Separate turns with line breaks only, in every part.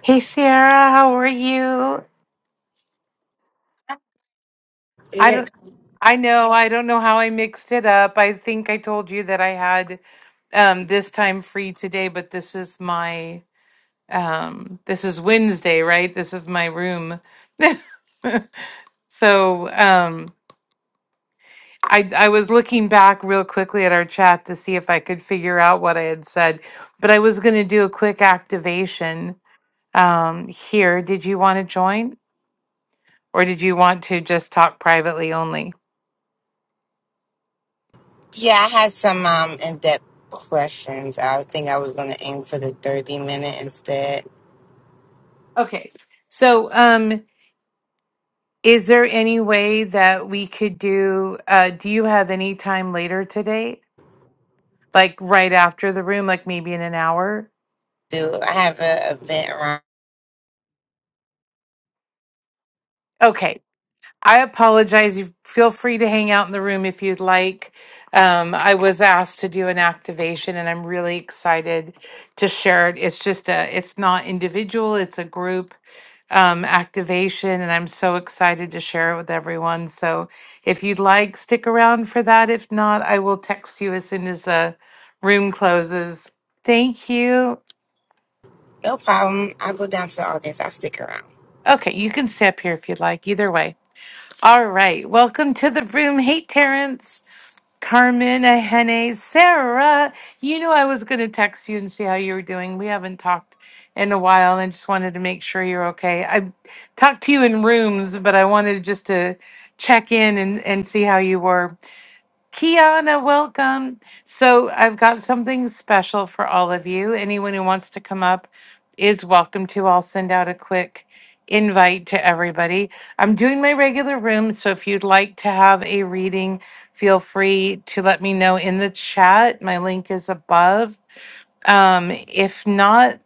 Hey Sarah, how are you? I
Yeah,
don't I know I don't know how I mixed it up. I think I told you that I had um this time free today, but this is my um this is Wednesday, right? This is my room. So, um I I was looking back real quickly at our chat to see if I could figure out what I had said, but I was going to do a quick activation um here. Did you want to join or did you want to just talk privately only?
yeah, I had some um in-depth questions. I think I was gonna aim for the 30 minute instead.
Okay. So, um, is there any way that we could do, uh, do you have any time later today? Like right after the room, like maybe in an hour?
Do I have an event around?
Okay. I apologize. You feel free to hang out in the room if you'd like. Um, I was asked to do an activation, and I'm really excited to share it. It's just a, it's not individual; it's a group um, activation, and I'm so excited to share it with everyone. So, if you'd like, stick around for that. If not, I will text you as soon as the room closes. Thank you.
No problem. I'll go down to the audience. I'll stick around.
Okay, you can stay up here if you'd like. Either way. All right. Welcome to the room. Hey, Terrence. Carmen, Ahene, Sarah, you know I was going to text you and see how you were doing. We haven't talked in a while, and I just wanted to make sure you're okay. I talked to you in rooms, but I wanted just to check in and, and see how you were. Kiana, welcome. So, I've got something special for all of you. Anyone who wants to come up is welcome to. I'll send out a quick invite to everybody. I'm doing my regular room, so if you'd like to have a reading, feel free to let me know in the chat. My link is above. Um, if not,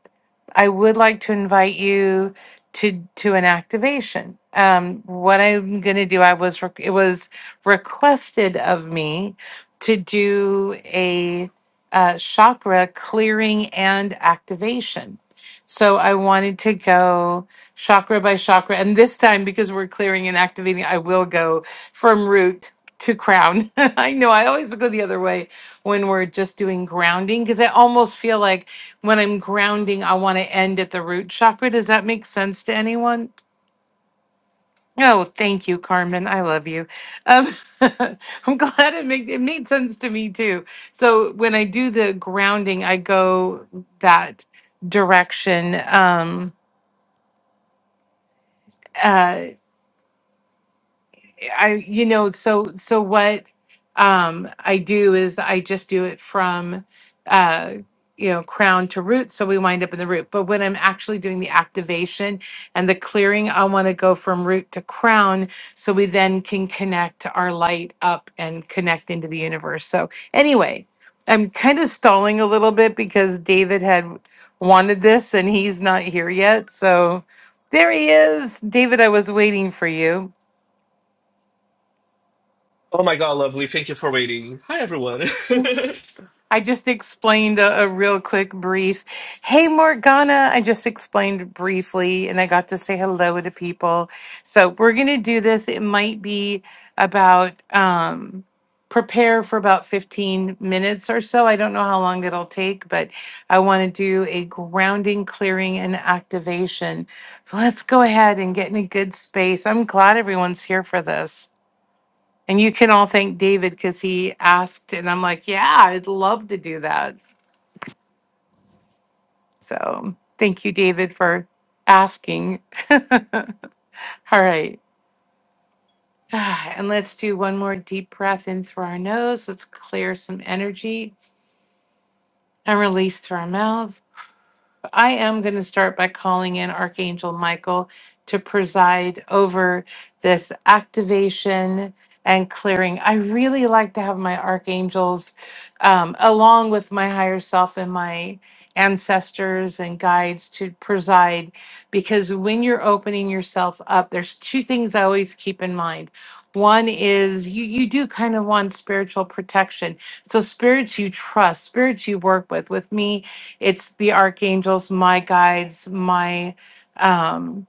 I would like to invite you to to an activation. Um, what I'm going to do, I was re- it was requested of me to do a uh, chakra clearing and activation. So I wanted to go chakra by chakra, and this time because we're clearing and activating, I will go from root to crown. I know I always go the other way when we're just doing grounding because I almost feel like when I'm grounding, I want to end at the root chakra. Does that make sense to anyone? Oh, thank you, Carmen. I love you. Um, I'm glad it made it made sense to me too. So when I do the grounding, I go that direction. Um, uh, I you know so so what um I do is I just do it from uh you know crown to root so we wind up in the root but when I'm actually doing the activation and the clearing I want to go from root to crown so we then can connect our light up and connect into the universe so anyway I'm kind of stalling a little bit because David had wanted this and he's not here yet so there he is David I was waiting for you
Oh my god, lovely. Thank you for waiting. Hi, everyone.
I just explained a, a real quick brief. Hey, Morgana, I just explained briefly and I got to say hello to people. So we're going to do this. It might be about um, prepare for about 15 minutes or so. I don't know how long it'll take, but I want to do a grounding, clearing, and activation. So let's go ahead and get in a good space. I'm glad everyone's here for this. And you can all thank David because he asked, and I'm like, yeah, I'd love to do that. So thank you, David, for asking. all right. And let's do one more deep breath in through our nose. Let's clear some energy and release through our mouth. I am going to start by calling in Archangel Michael to preside over this activation and clearing. I really like to have my archangels um, along with my higher self and my ancestors and guides to preside because when you're opening yourself up there's two things I always keep in mind. One is you you do kind of want spiritual protection. So spirits you trust, spirits you work with. With me, it's the archangels, my guides, my um,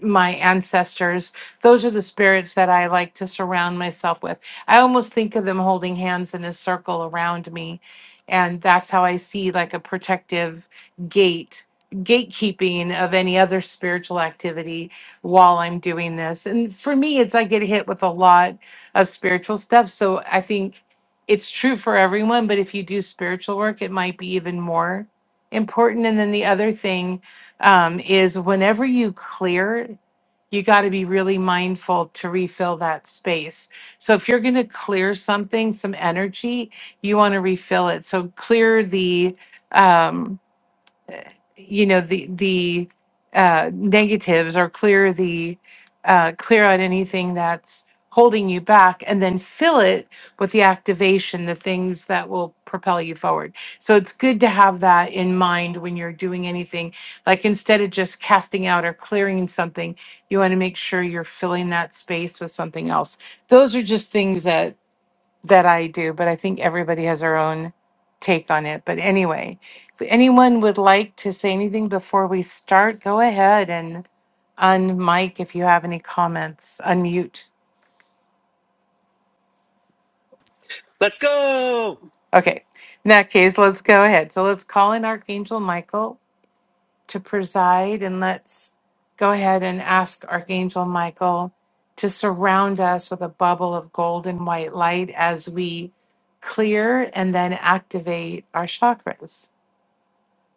my ancestors. Those are the spirits that I like to surround myself with. I almost think of them holding hands in a circle around me. And that's how I see like a protective gate, gatekeeping of any other spiritual activity while I'm doing this. And for me, it's I get hit with a lot of spiritual stuff. So I think it's true for everyone. But if you do spiritual work, it might be even more important. And then the other thing um, is whenever you clear, you got to be really mindful to refill that space. So if you're going to clear something, some energy, you want to refill it. So clear the, um, you know the the uh, negatives or clear the uh, clear out anything that's holding you back and then fill it with the activation the things that will propel you forward so it's good to have that in mind when you're doing anything like instead of just casting out or clearing something you want to make sure you're filling that space with something else those are just things that that I do, but I think everybody has their own take on it. But anyway, if anyone would like to say anything before we start, go ahead and unmic if you have any comments, unmute.
Let's go.
Okay, in that case, let's go ahead. So let's call in Archangel Michael to preside and let's go ahead and ask Archangel Michael to surround us with a bubble of gold and white light as we clear and then activate our chakras.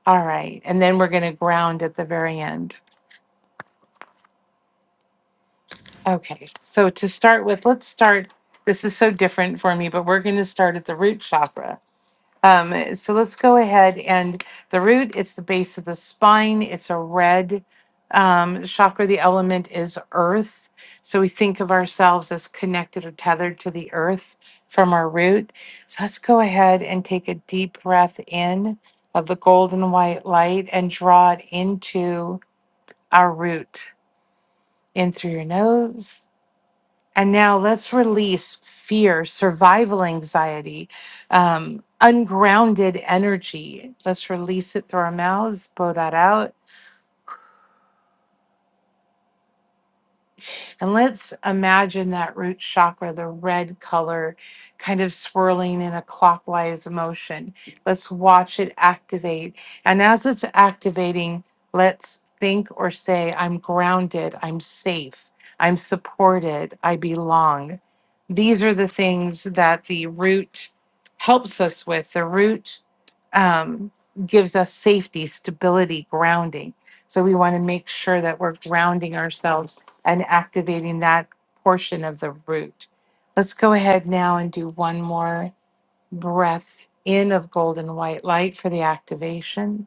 All right, and then we're going to ground at the very end. Okay, so to start with, let's start. This is so different for me, but we're going to start at the root chakra. Um, so let's go ahead and the root, it's the base of the spine. It's a red um, chakra. The element is earth. So we think of ourselves as connected or tethered to the earth from our root. So let's go ahead and take a deep breath in of the golden white light and draw it into our root in through your nose. And now let's release fear, survival anxiety, um, ungrounded energy. Let's release it through our mouths, blow that out And let's imagine that root chakra, the red color, kind of swirling in a clockwise motion. Let's watch it activate. And as it's activating, let's think or say, I'm grounded, I'm safe, I'm supported, I belong. These are the things that the root helps us with. The root um, gives us safety, stability, grounding. So we want to make sure that we're grounding ourselves and activating that portion of the root. Let's go ahead now and do one more breath in of golden white light for the activation.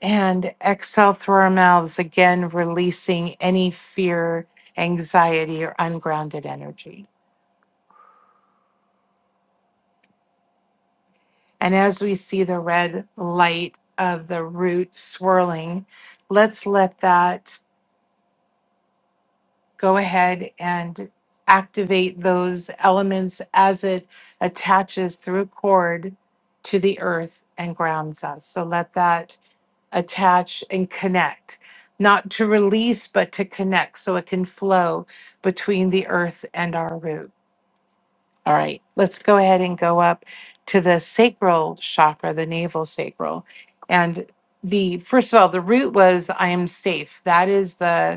And exhale through our mouths, again releasing any fear, anxiety, or ungrounded energy. And as we see the red light of the root swirling, let's let that go ahead and activate those elements as it attaches through cord to the earth and grounds us. So let that attach and connect, not to release, but to connect so it can flow between the earth and our root. All right, let's go ahead and go up to the sacral chakra, the navel sacral. And the first of all, the root was I am safe. That is the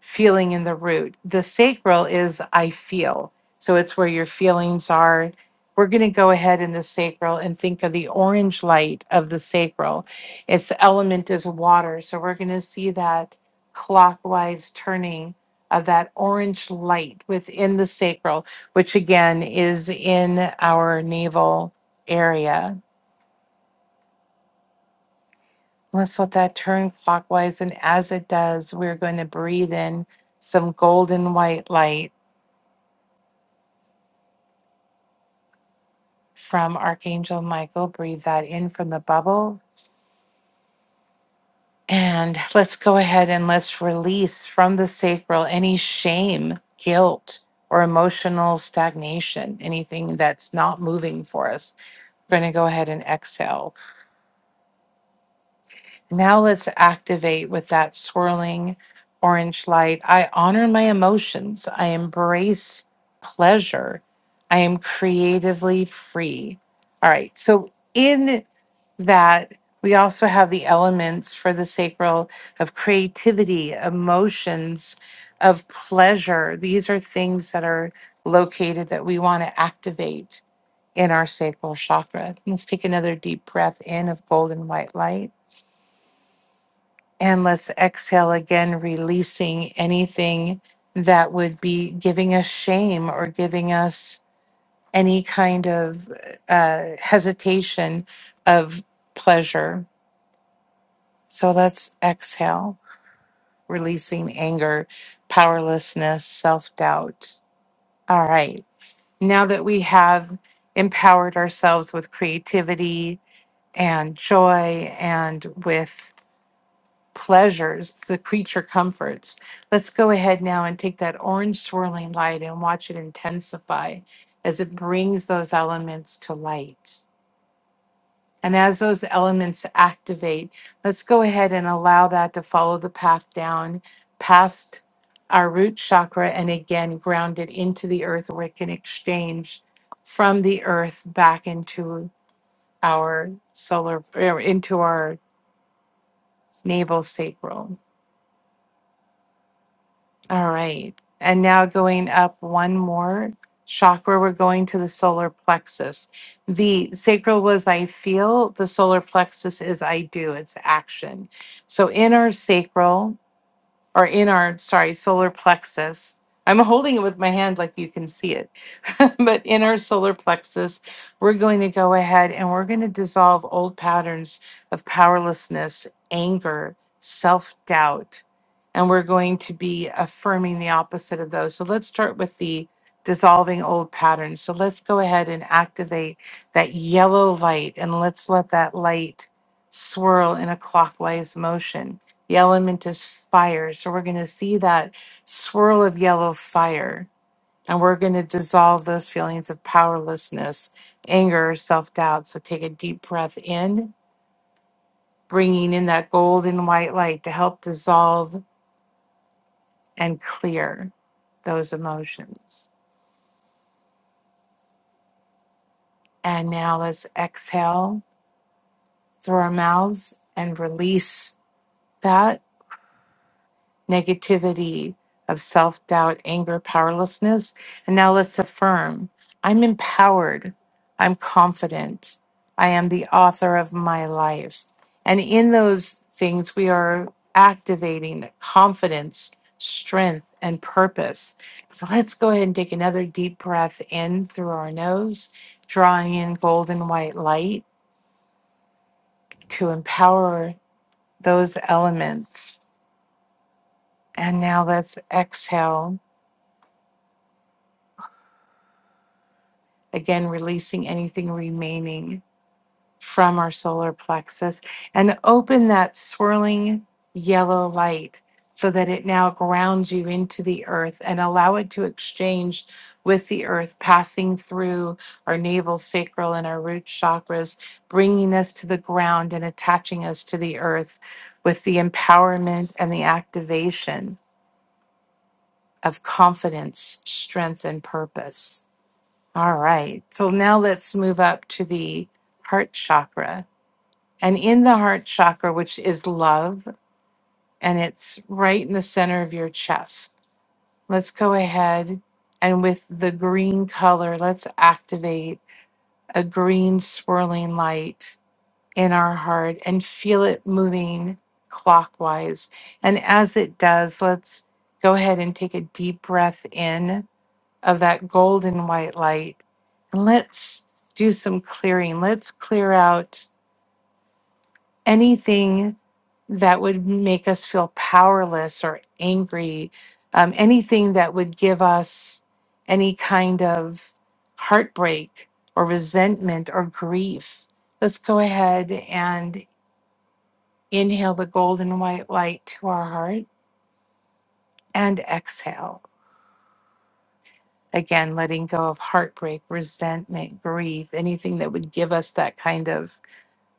feeling in the root. The sacral is I feel. So it's where your feelings are. We're going to go ahead in the sacral and think of the orange light of the sacral. Its element is water. So we're going to see that clockwise turning of that orange light within the sacral, which again is in our navel area. Let's let that turn clockwise. And as it does, we're going to breathe in some golden white light from Archangel Michael. Breathe that in from the bubble. And let's go ahead and let's release from the sacral any shame, guilt, or emotional stagnation, anything that's not moving for us. We're going to go ahead and exhale. Now let's activate with that swirling orange light. I honor my emotions. I embrace pleasure. I am creatively free. All right. So, in that, we also have the elements for the sacral of creativity, emotions, of pleasure. These are things that are located that we want to activate in our sacral chakra. Let's take another deep breath in of golden white light. And let's exhale again, releasing anything that would be giving us shame or giving us any kind of uh, hesitation of pleasure. So let's exhale, releasing anger, powerlessness, self doubt. All right. Now that we have empowered ourselves with creativity and joy and with pleasures, the creature comforts. Let's go ahead now and take that orange swirling light and watch it intensify as it brings those elements to light. And as those elements activate, let's go ahead and allow that to follow the path down past our root chakra and again ground it into the earth where it can exchange from the earth back into our solar, er, into our navel sacral. All right. And now going up one more chakra, we're going to the solar plexus. The sacral was I feel, the solar plexus is I do, it's action. So in our sacral or in our sorry solar plexus i'm holding it with my hand like you can see it but in our solar plexus we're going to go ahead and we're going to dissolve old patterns of powerlessness anger self-doubt and we're going to be affirming the opposite of those so let's start with the dissolving old patterns so let's go ahead and activate that yellow light and let's let that light swirl in a clockwise motion the element is fire. So we're going to see that swirl of yellow fire. And we're going to dissolve those feelings of powerlessness, anger, self doubt. So take a deep breath in, bringing in that gold and white light to help dissolve and clear those emotions. And now let's exhale through our mouths and release that negativity, of self doubt, anger, powerlessness. And now let's affirm I'm empowered. I'm confident. I am the author of my life. And in those things, we are activating confidence, strength, and purpose. So let's go ahead and take another deep breath in through our nose, drawing in golden white light to empower those elements. And now let's exhale Again, releasing anything remaining from our solar plexus and open that swirling yellow light so that it now grounds you into the earth and allow it to exchange with the earth, passing through our navel, sacral, and our root chakras, bringing us to the ground and attaching us to the earth with the empowerment and the activation of confidence, strength, and purpose. All right. So now let's move up to the heart chakra. And in the heart chakra, which is love, and it's right in the center of your chest. Let's go ahead and with the green color, let's activate a green swirling light in our heart and feel it moving clockwise. And as it does, let's go ahead and take a deep breath in of that golden white light. And let's do some clearing. Let's clear out anything that would make us feel powerless or angry, um, anything that would give us any kind of heartbreak or resentment or grief. Let's go ahead and inhale the golden white light to our heart and exhale. Again, letting go of heartbreak, resentment, grief, anything that would give us that kind of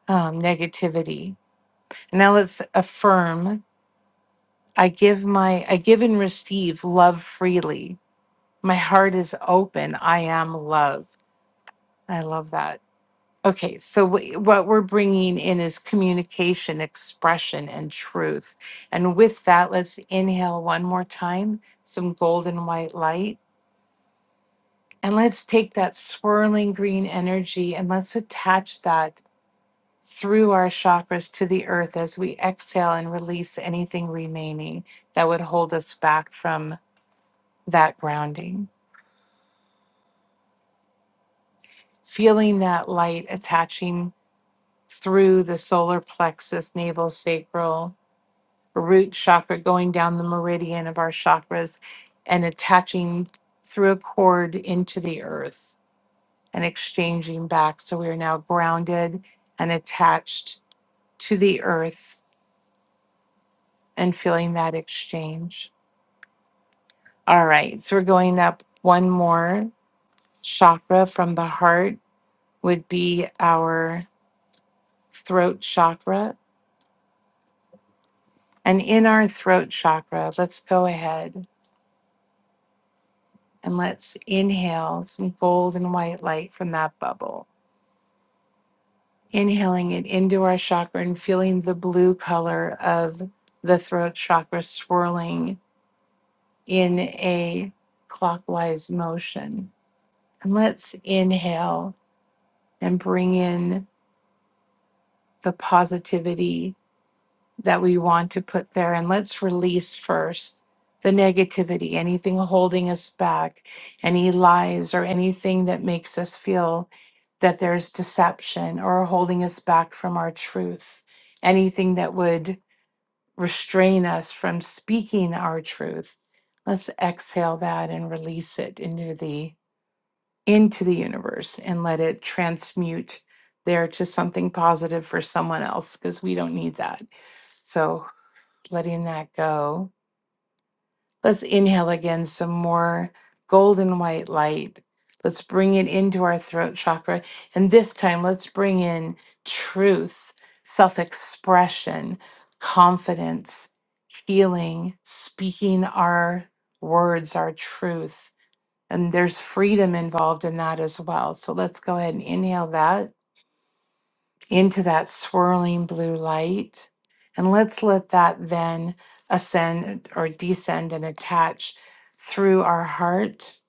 um, negativity. And now let's affirm I give my, I give and receive love freely. My heart is open. I am love. I love that. Okay, so wh- what we're bringing in is communication, expression, and truth. And with that, let's inhale one more time, some golden white light. And let's take that swirling green energy and let's attach that through our chakras to the earth as we exhale and release anything remaining that would hold us back from that grounding. Feeling that light attaching through the solar plexus, navel, sacral, root chakra, going down the meridian of our chakras and attaching through a cord into the earth and exchanging back. So we are now grounded and attached to the earth and feeling that exchange. All right, so we're going up one more chakra from the heart, would be our throat chakra. And in our throat chakra, let's go ahead and let's inhale some gold and white light from that bubble. Inhaling it into our chakra and feeling the blue color of the throat chakra swirling in a clockwise motion. And let's inhale and bring in the positivity that we want to put there. And let's release first the negativity, anything holding us back, any lies or anything that makes us feel that there's deception or holding us back from our truth, anything that would restrain us from speaking our truth. Let's exhale that and release it into the into the universe and let it transmute there to something positive for someone else because we don't need that. So letting that go. Let's inhale again some more golden white light. Let's bring it into our throat chakra. And this time, let's bring in truth, self expression, confidence, healing, speaking our words, our truth and there's freedom involved in that as well. So let's go ahead and inhale that into that swirling blue light. And let's let that then ascend or descend and attach through our heart,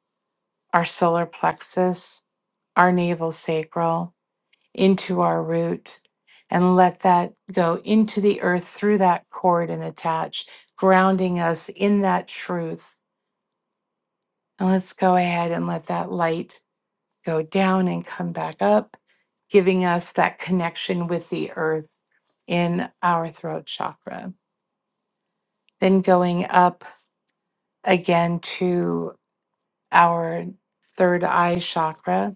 our solar plexus, our navel sacral, into our root. And let that go into the earth through that cord and attach, grounding us in that truth. And let's go ahead and let that light go down and come back up, giving us that connection with the earth in our throat chakra. Then going up again to our third eye chakra.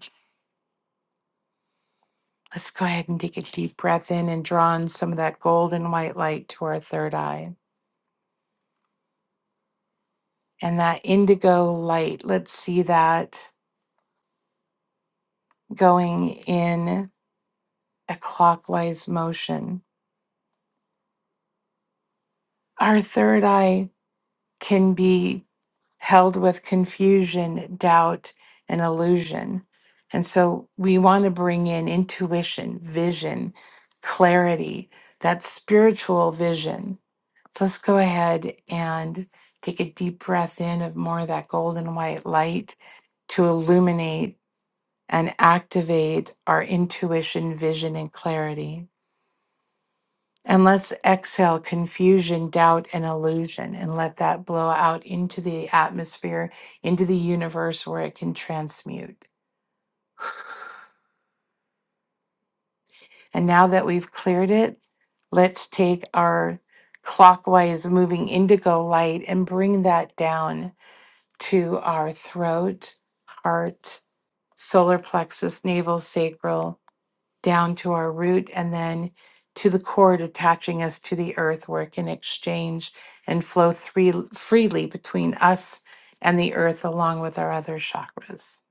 Let's go ahead and take a deep breath in and draw in some of that golden white light to our third eye. And that indigo light, let's see that going in a clockwise motion. Our third eye can be held with confusion, doubt, and illusion. And so we want to bring in intuition, vision, clarity, that spiritual vision. So let's go ahead and take a deep breath in of more of that golden white light to illuminate and activate our intuition, vision, and clarity. And let's exhale confusion, doubt, and illusion, and let that blow out into the atmosphere, into the universe where it can transmute. And now that we've cleared it, let's take our clockwise moving indigo light and bring that down to our throat, heart, solar plexus, navel, sacral. down to our root and then to the cord attaching us to the earthwork in exchange and flow three, freely between us and the earth along with our other chakras.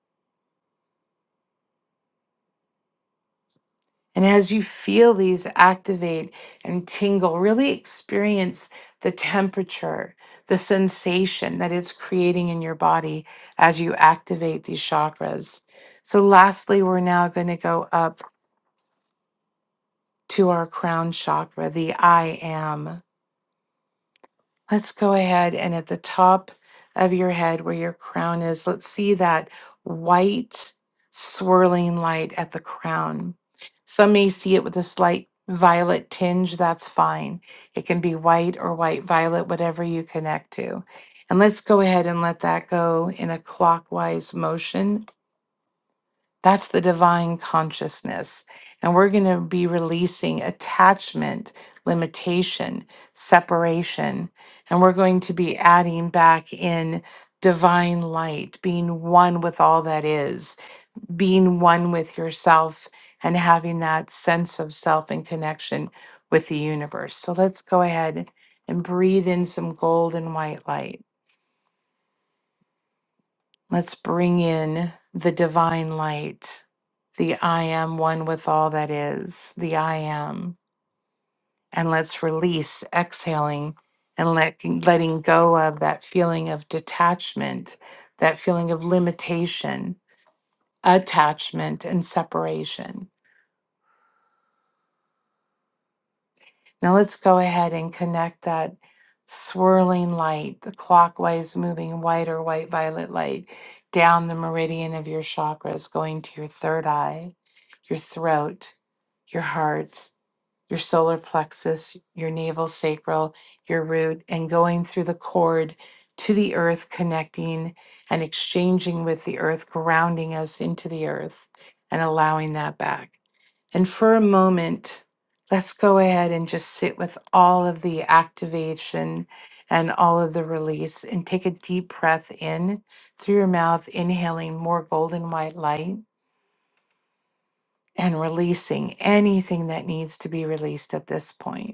And as you feel these activate and tingle, really experience the temperature, the sensation that it's creating in your body as you activate these chakras. So, lastly, we're now going to go up to our crown chakra, the I am. Let's go ahead and at the top of your head where your crown is, let's see that white swirling light at the crown. Some may see it with a slight violet tinge, that's fine. It can be white or white violet, whatever you connect to. And let's go ahead and let that go in a clockwise motion that's the divine consciousness. And we're going to be releasing attachment, limitation, separation. And we're going to be adding back in divine light, being one with all that is, being one with yourself, and having that sense of self and connection with the universe. So let's go ahead and breathe in some golden white light. Let's bring in the divine light, the I am one with all that is, the I am. And let's release, exhaling, and let, letting go of that feeling of detachment, that feeling of limitation, attachment, and separation. Now let's go ahead and connect that swirling light, the clockwise moving white or white violet light down the meridian of your chakras, going to your third eye, your throat, your heart, your solar plexus, your navel sacral, your root, and going through the cord to the earth, connecting and exchanging with the earth, grounding us into the earth and allowing that back. And for a moment, let's go ahead and just sit with all of the activation and all of the release and take a deep breath in through your mouth, inhaling more golden white light and releasing anything that needs to be released at this point.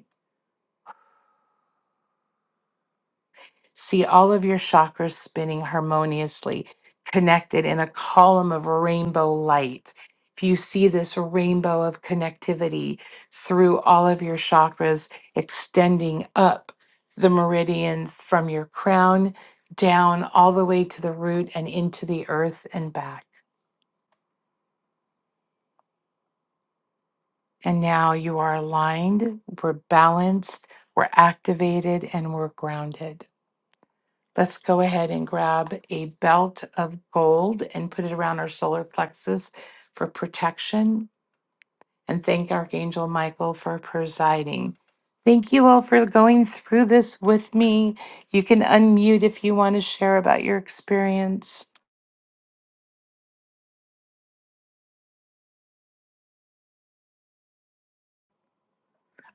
See all of your chakras spinning harmoniously, connected in a column of rainbow light. If you see this rainbow of connectivity through all of your chakras, extending up the meridian from your crown down all the way to the root and into the earth and back. And now you are aligned, we're balanced, we're activated, and we're grounded. Let's go ahead and grab a belt of gold and put it around our solar plexus for protection and thank Archangel Michael for presiding. Thank you all for going through this with me. You can unmute if you want to share about your experience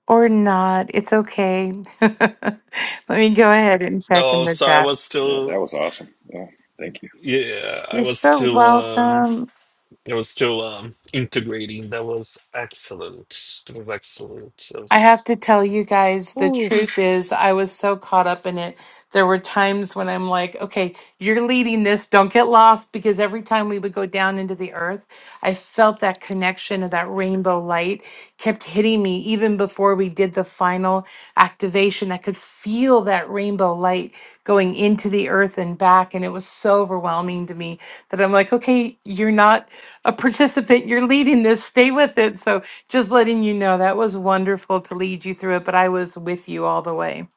or not. It's okay. Let me go ahead and check in
Oh,
the
sorry. I
chat.
was
Yeah,
still,
that was awesome. Yeah, thank you.
yeah, I
You're
was
so
still, um,
welcome.
I was still, um, integrating. That was excellent. That was excellent. That
I have
was,
to tell you guys, the
oof.
truth is, I was so caught up in it. There were times when I'm like, okay, you're leading this, don't get lost. Because every time we would go down into the earth, I felt that connection of that rainbow light kept hitting me even before we did the final activation. I could feel that rainbow light going into the earth and back. And it was so overwhelming to me that I'm like, okay, you're not a participant, you're leading this, stay with it. So just letting you know that was wonderful to lead you through it, but I was with you all the way.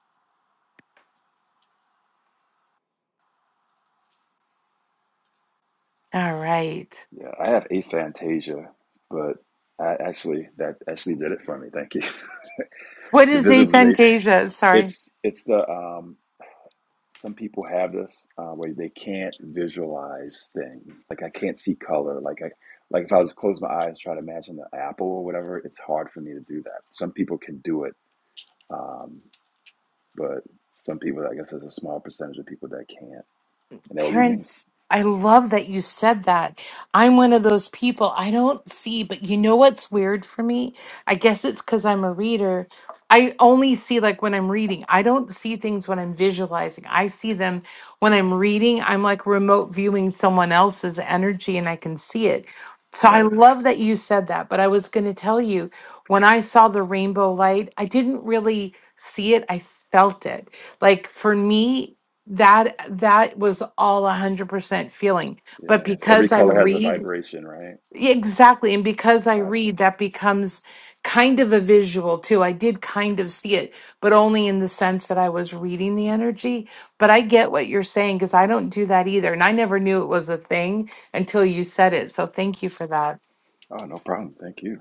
All right.
Yeah, I have aphantasia, but I actually that actually did it for me. Thank you.
What
The
is
visualization.
aphantasia? Sorry.
It's it's the um some people have this uh, where they can't visualize things. Like I can't see color. Like I like if I was to close my eyes try to imagine the apple or whatever, it's hard for me to do that. Some people can do it, um, but some people I guess there's a small percentage of people that can't, and that would be me.
Terrence, I love that you said that. I'm one of those people I don't see, but you know what's weird for me? I guess it's because I'm a reader. I only see like when I'm reading. I don't see things when I'm visualizing. I see them when I'm reading. I'm like remote viewing someone else's energy and I can see it. So I
Nice.
love that you said that. But I was going to tell you when I saw the rainbow light, I didn't really see it, I felt it. Like for me, that that was all 100% feeling but
Yeah, every
because i
color has a
read
vibration, right?
yeah, exactly and because i
Gotcha.
read that becomes kind of a visual too i did kind of see it but only in the sense that i was reading the energy but i get what you're saying because i don't do that either and i never knew it was a thing until you said it so thank you for that
Oh, no problem. Thank you.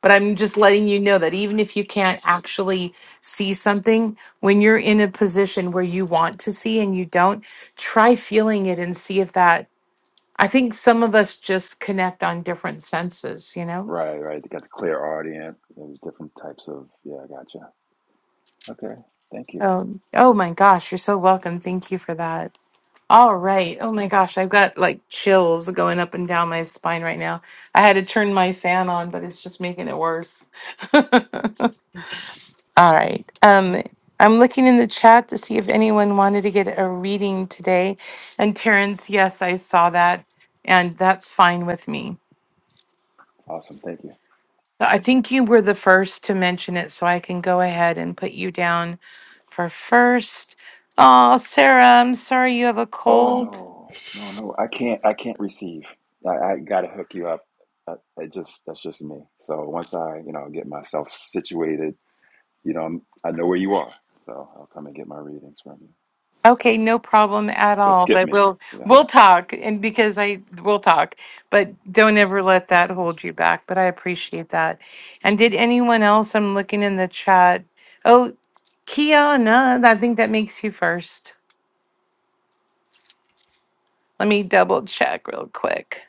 But I'm just letting you know that even if you can't actually see something, when you're in a position where you want to see and you don't, try feeling it and see if that. I think some of us just connect on different senses, you know?
Right, right. They got the clear audience. There's different types of, yeah, gotcha. Okay. Thank you.
So, oh my gosh, you're so welcome. Thank you for that. All right. Oh my gosh, I've got like chills going up and down my spine right now. I had to turn my fan on, but it's just making it worse. All right. Um, I'm looking in the chat to see if anyone wanted to get a reading today. And Terrence, yes, I saw that, and that's fine with me.
Awesome. Thank you.
But I think you were the first to mention it, so I can go ahead and put you down for first. Oh, Sarah, I'm sorry you have a
Oh,
cold.
no, no, no. I can't, I can't receive. I, I gotta hook you up. I, I just, that's just me. So once I, you know, get myself situated, you know, I'm, I know where you are. So I'll come and get my readings from you.
Okay, no problem at
So
all.
skip
But
me.
we'll
Yeah.
we'll talk and because I we'll talk, but don't ever let that hold you back. But I appreciate that. And did anyone else? I'm looking in the chat. Oh, Kiana, I think that makes you first. Let me double check real quick.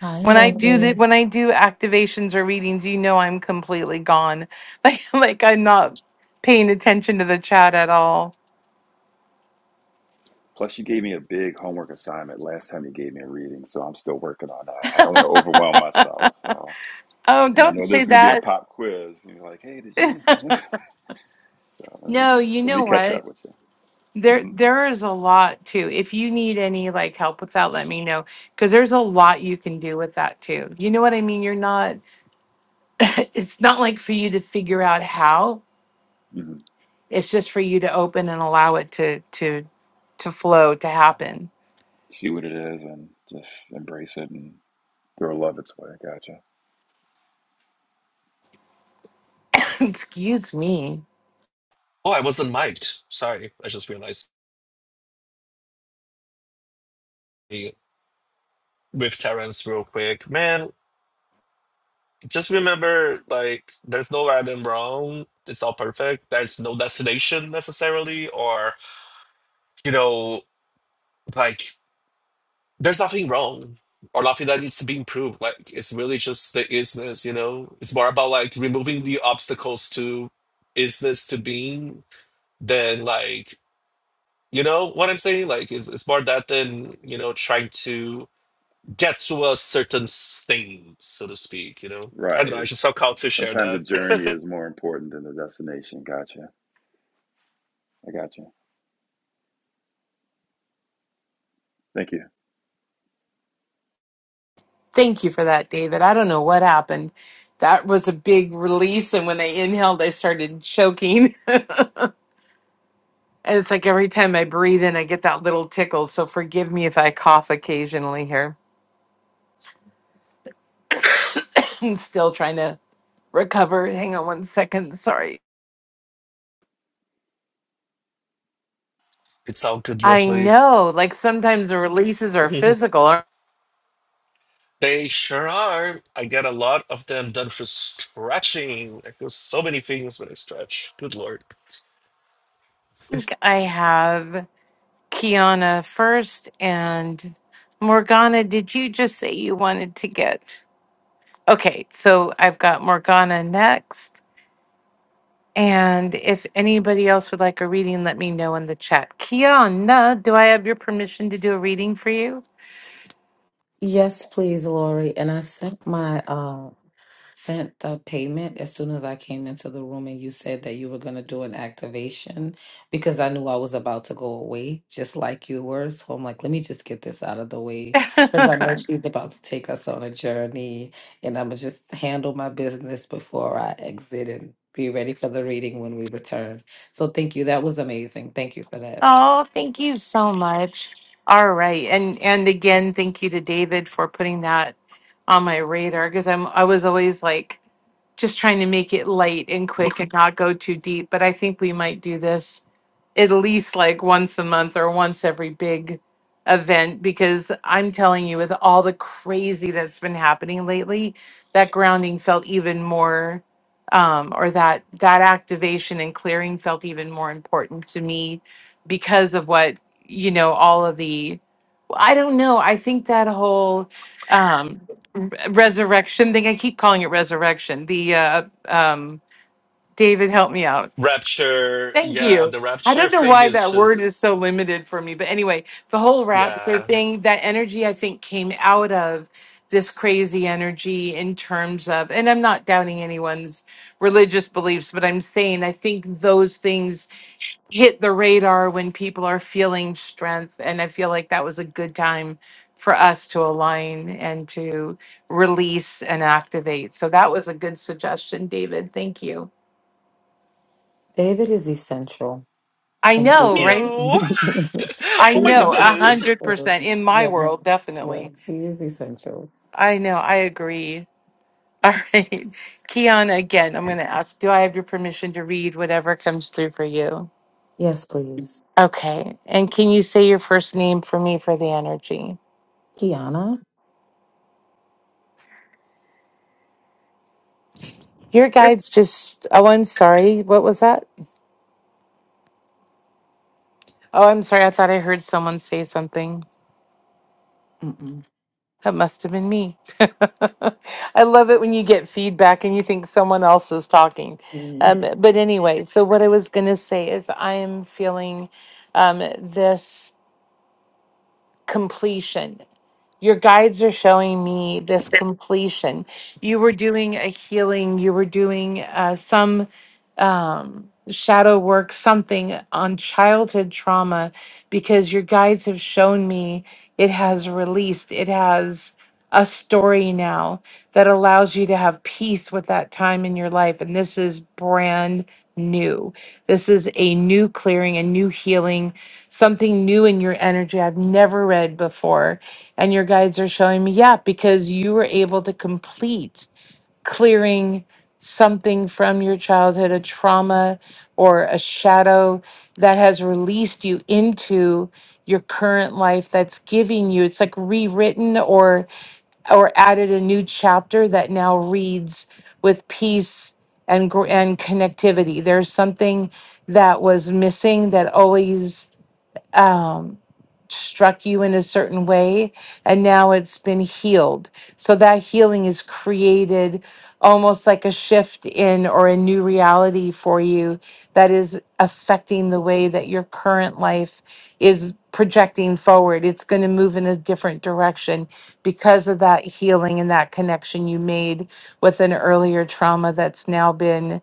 Hi,
When I do
Lori.
that, when I do activations or readings, you know I'm completely gone. Like like I'm not paying attention to the chat at all.
Plus, you gave me a big homework assignment last time you gave me a reading. So I'm still working on that. I don't want to overwhelm myself. So.
Oh,
And I
don't
know
say
there's going to be a
that.
pop quiz. And you're like, hey, did you? so let me
No, you
let me
know
catch
what?
up with you. mm
There,
hmm
there is a lot too. If you need any like help with that, let me know because there's a lot you can do with that too. You know what I mean? You're not, it's not like for you to figure out how.
mm hmm
It's just for you to open and allow it to to to flow to happen.
See what it is and just embrace it and throw love its way. Gotcha.
Excuse me.
Oh, I wasn't mic'd. Sorry. I just realized Hey, with Terrence real quick. Man, just remember, like, there's no right and wrong. It's all perfect. There's no destination necessarily, or, you know, like there's nothing wrong or nothing that needs to be improved. Like it's really just the isness, you know. It's more about like removing the obstacles to isness to being than like you know what I'm saying. Like it's, it's more that than you know trying to get to a certain thing, so to speak. You know, I
Right.
don't know. I just felt
It's
called to share
sometimes the
that.
journey is more important than the destination. Gotcha. I gotcha. Thank you.
Thank you for that, David. I don't know what happened. That was a big release, and when I inhaled, I started choking. and it's like every time I breathe in, I get that little tickle. So forgive me if I cough occasionally here. I'm still trying to recover. Hang on one second. Sorry.
it sounds good,
I
lovely.
know, like sometimes the releases are physical. I
They sure are. I get a lot of them done for stretching. I feel so many things when I stretch. Good lord.
think I have Kiana first and Morgana. Did you just say you wanted to get? Okay, so I've got Morgana next. And if anybody else would like a reading, let me know in the chat. Kiana, do I have your permission to do a reading for you?
Yes, please, Lori. And I sent my uh sent the payment as soon as I came into the room and you said that you were gonna do an activation because I knew I was about to go away, just like you were. So I'm like, let me just get this out of the way. Because I know she's about to take us on a journey and I'ma just handle my business before I exit and be ready for the reading when we return. So thank you. That was amazing. Thank you for that.
Oh, thank you so much. All right. And and again, thank you to David for putting that on my radar because I'm I was always like just trying to make it light and quick and not go too deep. But I think we might do this at least like once a month or once every big event because I'm telling you, with all the crazy that's been happening lately, that grounding felt even more um or that that activation and clearing felt even more important to me because of what you know all of the i don't know i think that whole um, r- resurrection thing. I keep calling it resurrection. The uh, um, David, help me out.
Rapture,
Thank
yeah,
you.
the
I don't
rapture
know
thing
why
is
that word is
just,
so limited for me, but anyway, the whole rapture
yeah.
thing, that energy I think came out of this crazy energy in terms of, and I'm not doubting anyone's religious beliefs, but I'm saying I think those things hit the radar when people are feeling strength. And I feel like that was a good time for us to align and to release and activate. So that was a good suggestion, David. Thank you.
David is essential.
I
Thank you,
know, right?
Meow.
David.
I
He
oh
is
my
know, a
goodness.
hundred
essential.
percent in my
Yes,
world,
yes.
definitely.
He is essential.
I know, I agree. All right, Kiana. Again, I'm going to ask: Do I have your permission to read whatever comes through for you?
Yes, please.
Okay, and can you say your first name for me for the energy?
Kiana?
Your guides just. Oh, I'm sorry. What was that? Oh, I'm sorry. I thought I heard someone say something.
Mm-mm.
That must have been me. I love it when you get feedback and you think someone else is talking.
Mm.
Um, but anyway, so what I was going to say is I am feeling um, this completion. Your guides are showing me this completion. You were doing a healing, you were doing uh, some um, shadow work, something on childhood trauma, because your guides have shown me it has released, it has a story now that allows you to have peace with that time in your life. And this is brand new. This is a new clearing, a new healing, something new in your energy I've never read before. And your guides are showing me, yeah, because you were able to complete clearing something from your childhood, a trauma or a shadow that has released you into your current life that's giving you, it's like rewritten or or added a new chapter that now reads with peace and gr- and connectivity. There's something that was missing that always um, struck you in a certain way and now it's been healed. So that healing is created almost like a shift in or a new reality for you that is affecting the way that your current life is projecting forward. It's going to move in a different direction because of that healing and that connection you made with an earlier trauma that's now been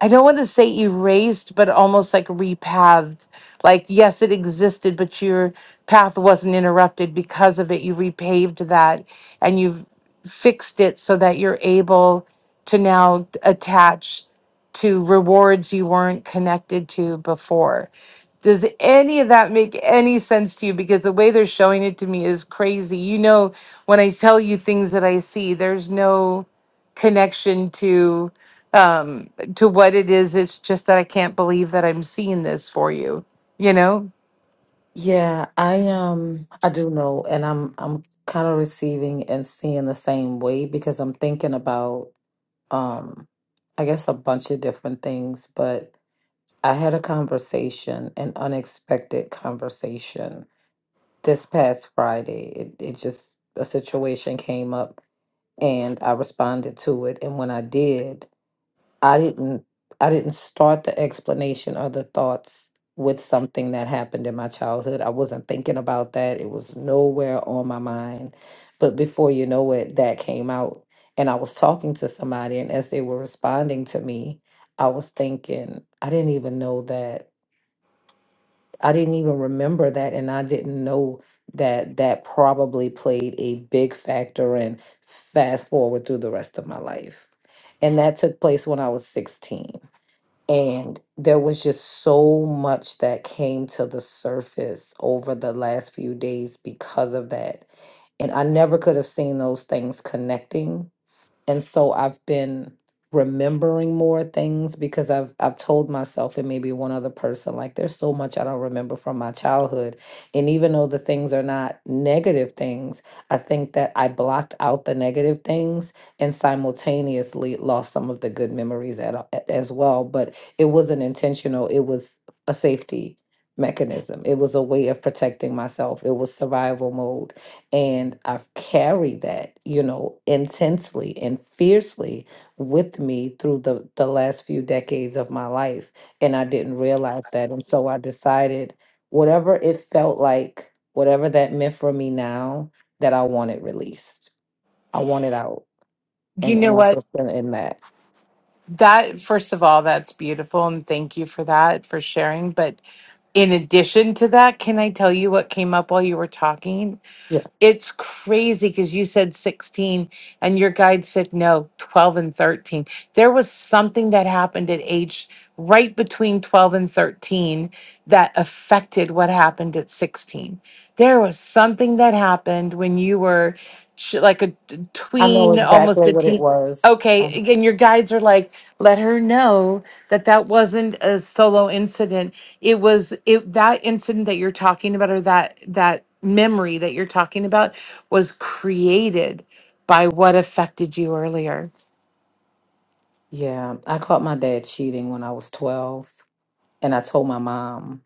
I don't want to say erased, but almost like repathed. Like, yes, it existed, but your path wasn't interrupted because of it. You repaved that and you've fixed it so that you're able to now attach to rewards you weren't connected to before. Does any of that make any sense to you? Because the way they're showing it to me is crazy. You know, when I tell you things that I see, there's no connection to um, to what it is. It's just that I can't believe that I'm seeing this for you. You know,
Yeah, I um I do know and I'm I'm kind of receiving and seeing the same way because I'm thinking about um I guess a bunch of different things, but I had a conversation, an unexpected conversation this past Friday. It it just a situation came up and I responded to it and when I did I didn't I didn't start the explanation or the thoughts with something that happened in my childhood. I wasn't thinking about that. It was nowhere on my mind. But before you know it, that came out. And I was talking to somebody and as they were responding to me, I was thinking, I didn't even know that. I didn't even remember that and I didn't know that that probably played a big factor in fast forward through the rest of my life. And that took place when I was 16 and there was just so much that came to the surface over the last few days because of that. And I never could have seen those things connecting and so I've been remembering more things because I've I've told myself and maybe one other person like there's so much I don't remember from my childhood and even though the things are not negative things I think that I blocked out the negative things and simultaneously lost some of the good memories at, a- as well but it wasn't intentional it was a safety mechanism it was a way of protecting myself it was survival mode and I've carried that, you know, intensely and fiercely with me through the, the last few decades of my life. And I didn't realize that. And so I decided whatever it felt like, whatever that meant for me now, that I want it released. I want it out.
you
And and
know
I've
what?
just been in that.
That, first of all, that's beautiful. And thank you for that, for sharing. But in addition to that, can I tell you what came up while you were talking? It's crazy because you said 16 and your guide said no, 12 and 13. There was something that happened at age right between 12 and 13 that affected what happened at 16. There was something that happened when you were ch- like a
I know
tween, almost
exactly
a
what it
teen.
was.
Okay,
Um,
again, your guides are like, let her know that that wasn't a solo incident. It was it that incident that you're talking about, or that that memory that you're talking about, was created by what affected you earlier.
yeah, I caught my dad cheating when I was 12, and I told my mom.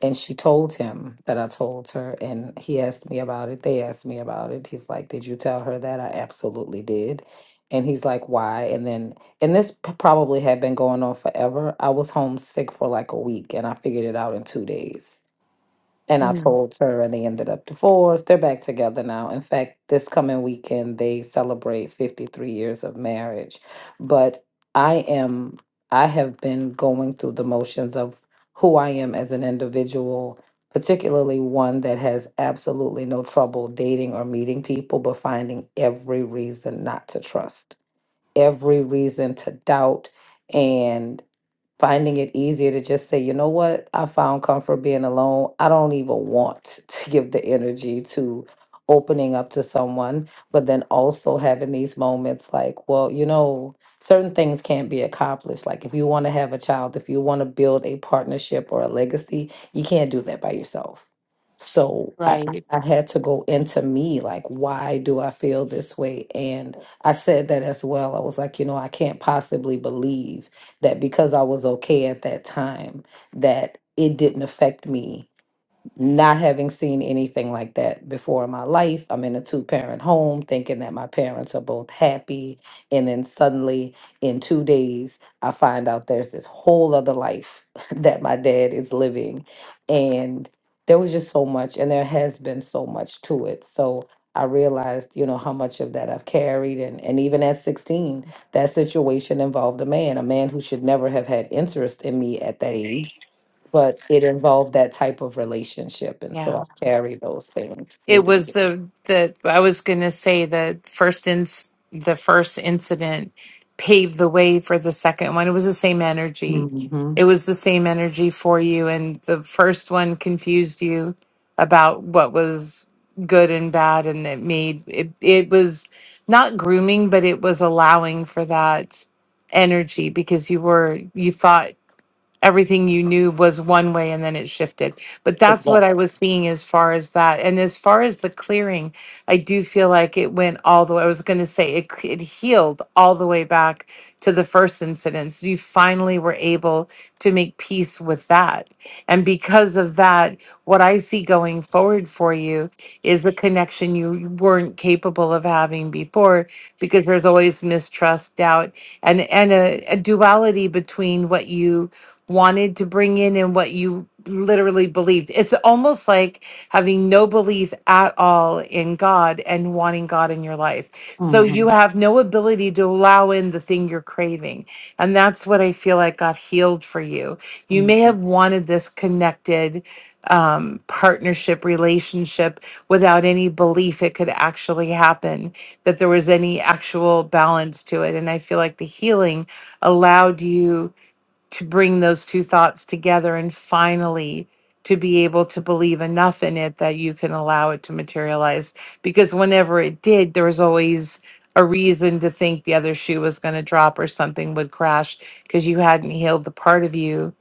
And she told him that I told her, and he asked me about it. They asked me about it. He's like, Did you tell her that? I absolutely did. And he's like, Why? And then, and this p- probably had been going on forever. I was homesick for like a week, and I figured it out in two days. And I
Mm,
told her, and they ended up divorced. They're back together now. In fact, this coming weekend, they celebrate 53 years of marriage. But I am, I have been going through the motions of who I am as an individual, particularly one that has absolutely no trouble dating or meeting people, but finding every reason not to trust, every reason to doubt. And finding it easier to just say, you know what, I found comfort being alone. I don't even want to give the energy to opening up to someone, but then also having these moments like, well, you know, certain things can't be accomplished. Like if you want to have a child, if you want to build a partnership or a legacy, you can't do that by yourself. So I, I
right?
I had to go into me, like, why do I feel this way? And I said that as well. I was like, you know, I can't possibly believe that because I was okay at that time, that it didn't affect me not having seen anything like that before in my life. I'm in a two parent home thinking that my parents are both happy. And then suddenly, in two days, I find out there's this whole other life that my dad is living. And there was just so much, and there has been so much to it. So I realized, you know, how much of that I've carried. And, and even at 16, that situation involved a man, a man who should never have had interest in me at that age but it involved that type of relationship. And
Yeah.
so I carry those things through
It
the
was
years.
the the I was gonna say the first in the first incident paved the way for the second one. It was the same energy.
Mm-hmm.
It was the same energy for you, and the first one confused you about what was good and bad, and it made it. It was not grooming, but it was allowing for that energy because you were you thought everything you knew was one way and then it shifted. But that's what I
Exactly.
was seeing as far as that. And as far as the clearing, I do feel like it went all the way. I was going to say it, c- it healed all the way back to the first incident. So you finally were able to make peace with that. And because of that, what I see going forward for you is a connection you weren't capable of having before because there's always mistrust, doubt, and, and a, a duality between what you wanted to bring in and what you literally believed. It's almost like having no belief at all in God and wanting God in your life. So you
Mm-hmm.
have no ability to allow in the thing you're craving. And that's what I feel like got healed for you. You may have wanted this connected um, partnership relationship without any belief it could actually happen, that there was any actual balance to it. And I feel like the healing allowed you to bring those two thoughts together and finally to be able to believe enough in it that you can allow it to materialize because whenever it did there was always a reason to think the other shoe was going to drop or something would crash because you hadn't healed the part of you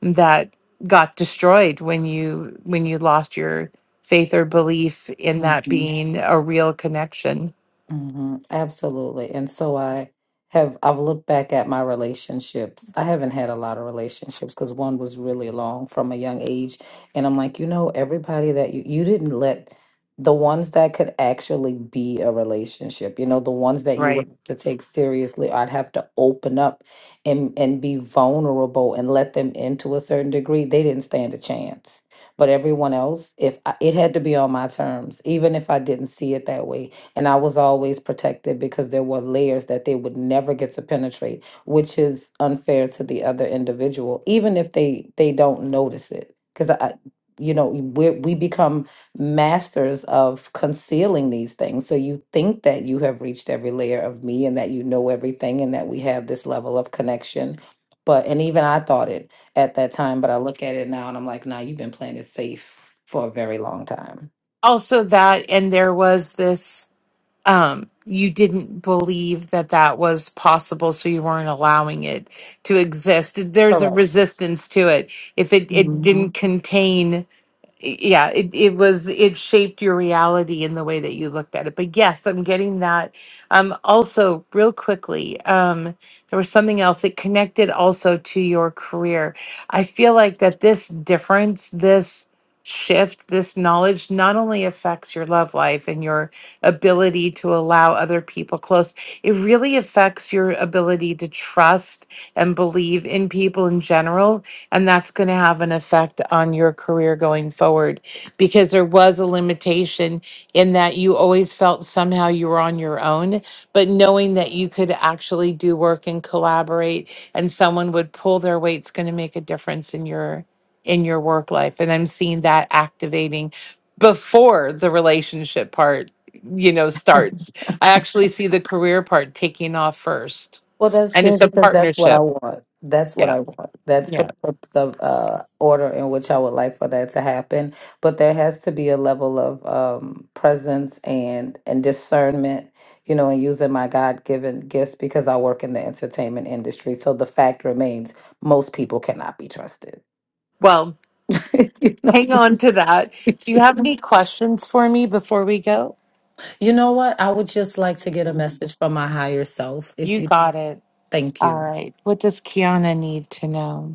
that got destroyed when you when you lost your faith or belief in that
Mm-hmm.
being a real connection
hmm Absolutely. And so I have, I've looked back at my relationships. I haven't had a lot of relationships because one was really long from a young age. And I'm like, you know, everybody that you, you didn't let the ones that could actually be a relationship, you know, the ones that you would
Right.
have to take seriously, I'd have to open up and, and be vulnerable and let them into a certain degree. They didn't stand a chance. But everyone else, if I, it had to be on my terms, even if I didn't see it that way, and I was always protected because there were layers that they would never get to penetrate, which is unfair to the other individual, even if they they don't notice it. Because I, you know, we we become masters of concealing these things. So you think that you have reached every layer of me and that you know everything and that we have this level of connection. But and even I thought it at that time, but I look at it now and I'm like, nah, you've been playing it safe for a very long time.
also that and there was this um, you didn't believe that that was possible, so you weren't allowing it to exist. There's a
Correct.
resistance to it. If it, it didn't contain yeah, it, it was, it shaped your reality in the way that you looked at it. But yes, I'm getting that. Um, also, real quickly, um, there was something else. It connected also to your career. I feel like that this difference, this shift, this knowledge not only affects your love life and your ability to allow other people close, it really affects your ability to trust and believe in people in general and that's going to have an effect on your career going forward because there was a limitation in that you always felt somehow you were on your own. But knowing that you could actually do work and collaborate and someone would pull their weight is going to make a difference in your in your work life and i'm seeing that activating before the relationship part you know starts i actually see the career part taking off first
Well, that's
and it's
good
a
because that's what I
partnership
want. That's what
yeah
I want. That's the
yeah
the uh, order in which I would like for that to happen. But there has to be a level of um, presence and and discernment, you know, and using my God given gifts because I work in the entertainment industry. So the fact remains, most people cannot be trusted.
well
you know.
Hang on to that. Do you have any questions for me before we go?
You know what? I would just like to get a message from my higher self. If
You
you.
got it.
Thank
All
you.
right. What does Kiana need to know?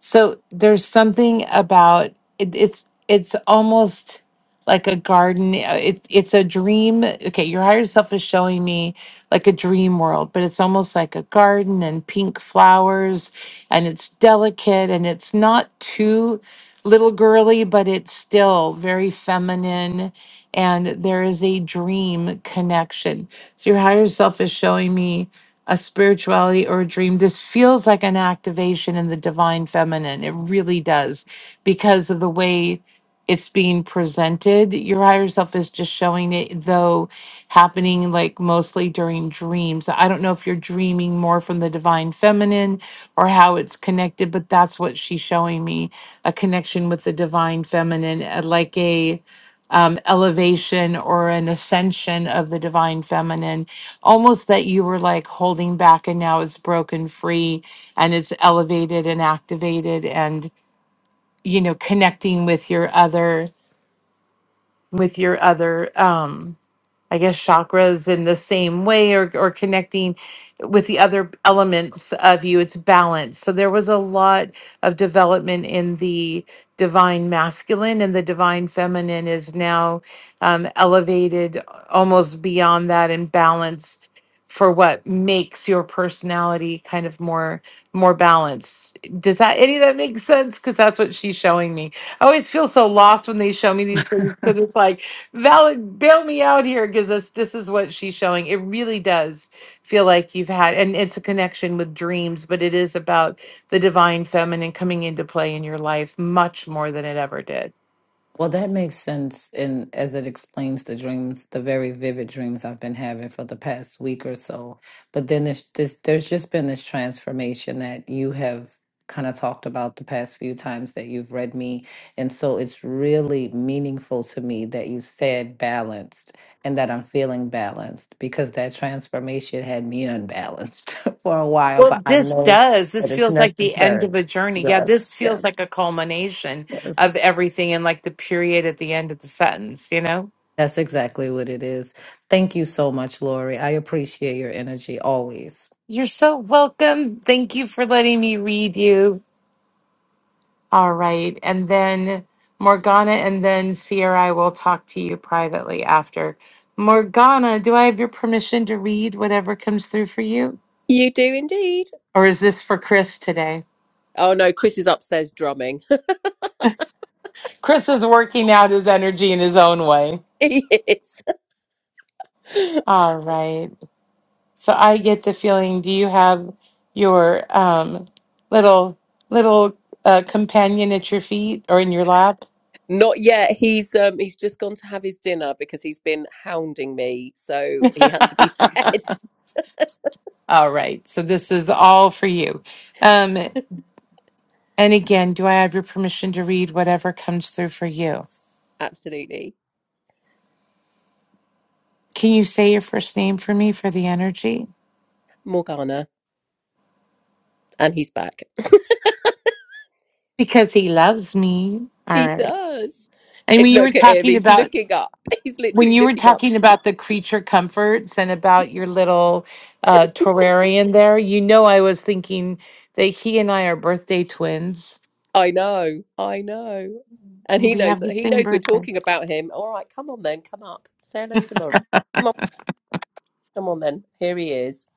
So there's something about it, it's it's almost like a garden. uh, It, it's a dream. Okay, your higher self is showing me like a dream world, but it's almost like a garden and pink flowers, and it's delicate and it's not too little girly, but it's still very feminine. And there is a dream connection. So your higher self is showing me a spirituality or a dream. This feels like an activation in the divine feminine. It really does because of the way it's being presented. Your higher self is just showing it, though happening like mostly during dreams. I don't know if you're dreaming more from the divine feminine or how it's connected, but that's what she's showing me a connection with the divine feminine, uh, like a um, elevation or an ascension of the divine feminine almost that you were like holding back and now it's broken free and it's elevated and activated and you know connecting with your other with your other um I guess chakras in the same way or, or connecting with the other elements of you. It's balance. So there was a lot of development in the divine masculine, and the divine feminine is now um, elevated almost beyond that and balanced for what makes your personality kind of more more balanced does that any of that make sense because that's what she's showing me i always feel so lost when they show me these things because it's like Valid, bail me out here because this this is what she's showing. It really does feel like you've had, and it's a connection with dreams, but it is about the divine feminine coming into play in your life much more than it ever did.
Well, that makes sense, and as it explains the dreams, the very vivid dreams I've been having for the past week or so. But then there's this, there's just been this transformation that you have kind of talked about the past few times that you've read me, and so it's really meaningful to me that you said balanced and that I'm feeling balanced because that transformation had me unbalanced for a while.
Well,
But I
this
know
does. This
that it's
feels like the end
necessary.
of a journey. Yeah,
Yes,
this
yeah,
feels like a culmination
yes.
of everything and like the period at the end of the sentence, you know?
That's exactly what it is. Thank you so much, Lori. I appreciate your energy always.
You're so welcome. Thank you for letting me read you. All right. And then Morgana and then Sierra, I will talk to you privately after. Morgana, do I have your permission to read whatever comes through for you?
You do indeed.
Or is this for Chris today?
Oh no, Chris is upstairs drumming.
Chris is working out his energy in his own way.
he is.
All right. So I get the feeling, do you have your um, little little uh, companion at your feet or in your lap?
Not yet. He's um he's just gone to have his dinner because he's been hounding me, so he had to be fed.
all right. So this is all for you. Um, And again, do I have your permission to read whatever comes through for you?
Absolutely.
Can you say your first name for me for the energy?
Morgana. And he's back.
Because he loves me. All
He
right.
does.
And when
It,
you were
look at him.
talking
He's
about
looking up. He's
when
literally
you were
looking up.
talking about the creature comforts and about your little uh, terrarium there, you know I was thinking that he and I are birthday twins.
I know. I know. And he
We
knows
have the
he
same
knows we're
birthday.
talking about him. All right, come on then, come up. Say hello to Laurie. Come on, come on then. Here he is.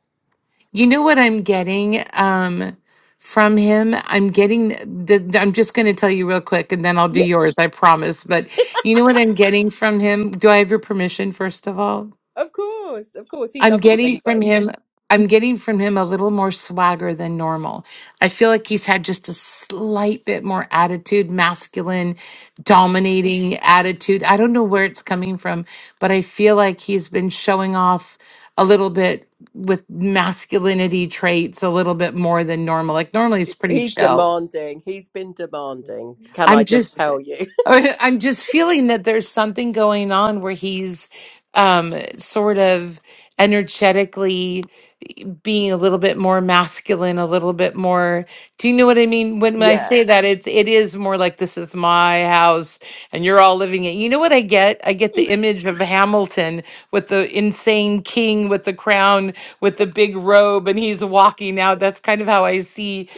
You know what I'm getting um, from him? I'm getting the, I'm just going to tell you real quick and then I'll do
Yeah.
yours, I promise. But you know what I'm getting from him? Do I have your permission, first of all?
Of course, of course. He
I'm
loves you
getting from
anyway.
him I'm getting from him a little more swagger than normal. I feel like he's had just a slight bit more attitude, masculine, dominating attitude. I don't know where it's coming from, but I feel like he's been showing off a little bit with masculinity traits a little bit more than normal. Like normally he's pretty
He's
chill.
demanding. He's been demanding. Can
I'm
I just
just
tell you?
I- I'm just feeling that there's something going on where he's um sort of energetically being a little bit more masculine, a little bit more. Do you know what I mean? When, when I
yeah.
say that, it's it is more like this is my house and you're all living it. You know what I get? I get the image of Hamilton with the insane king with the crown with the big robe and he's walking out. That's kind of how I see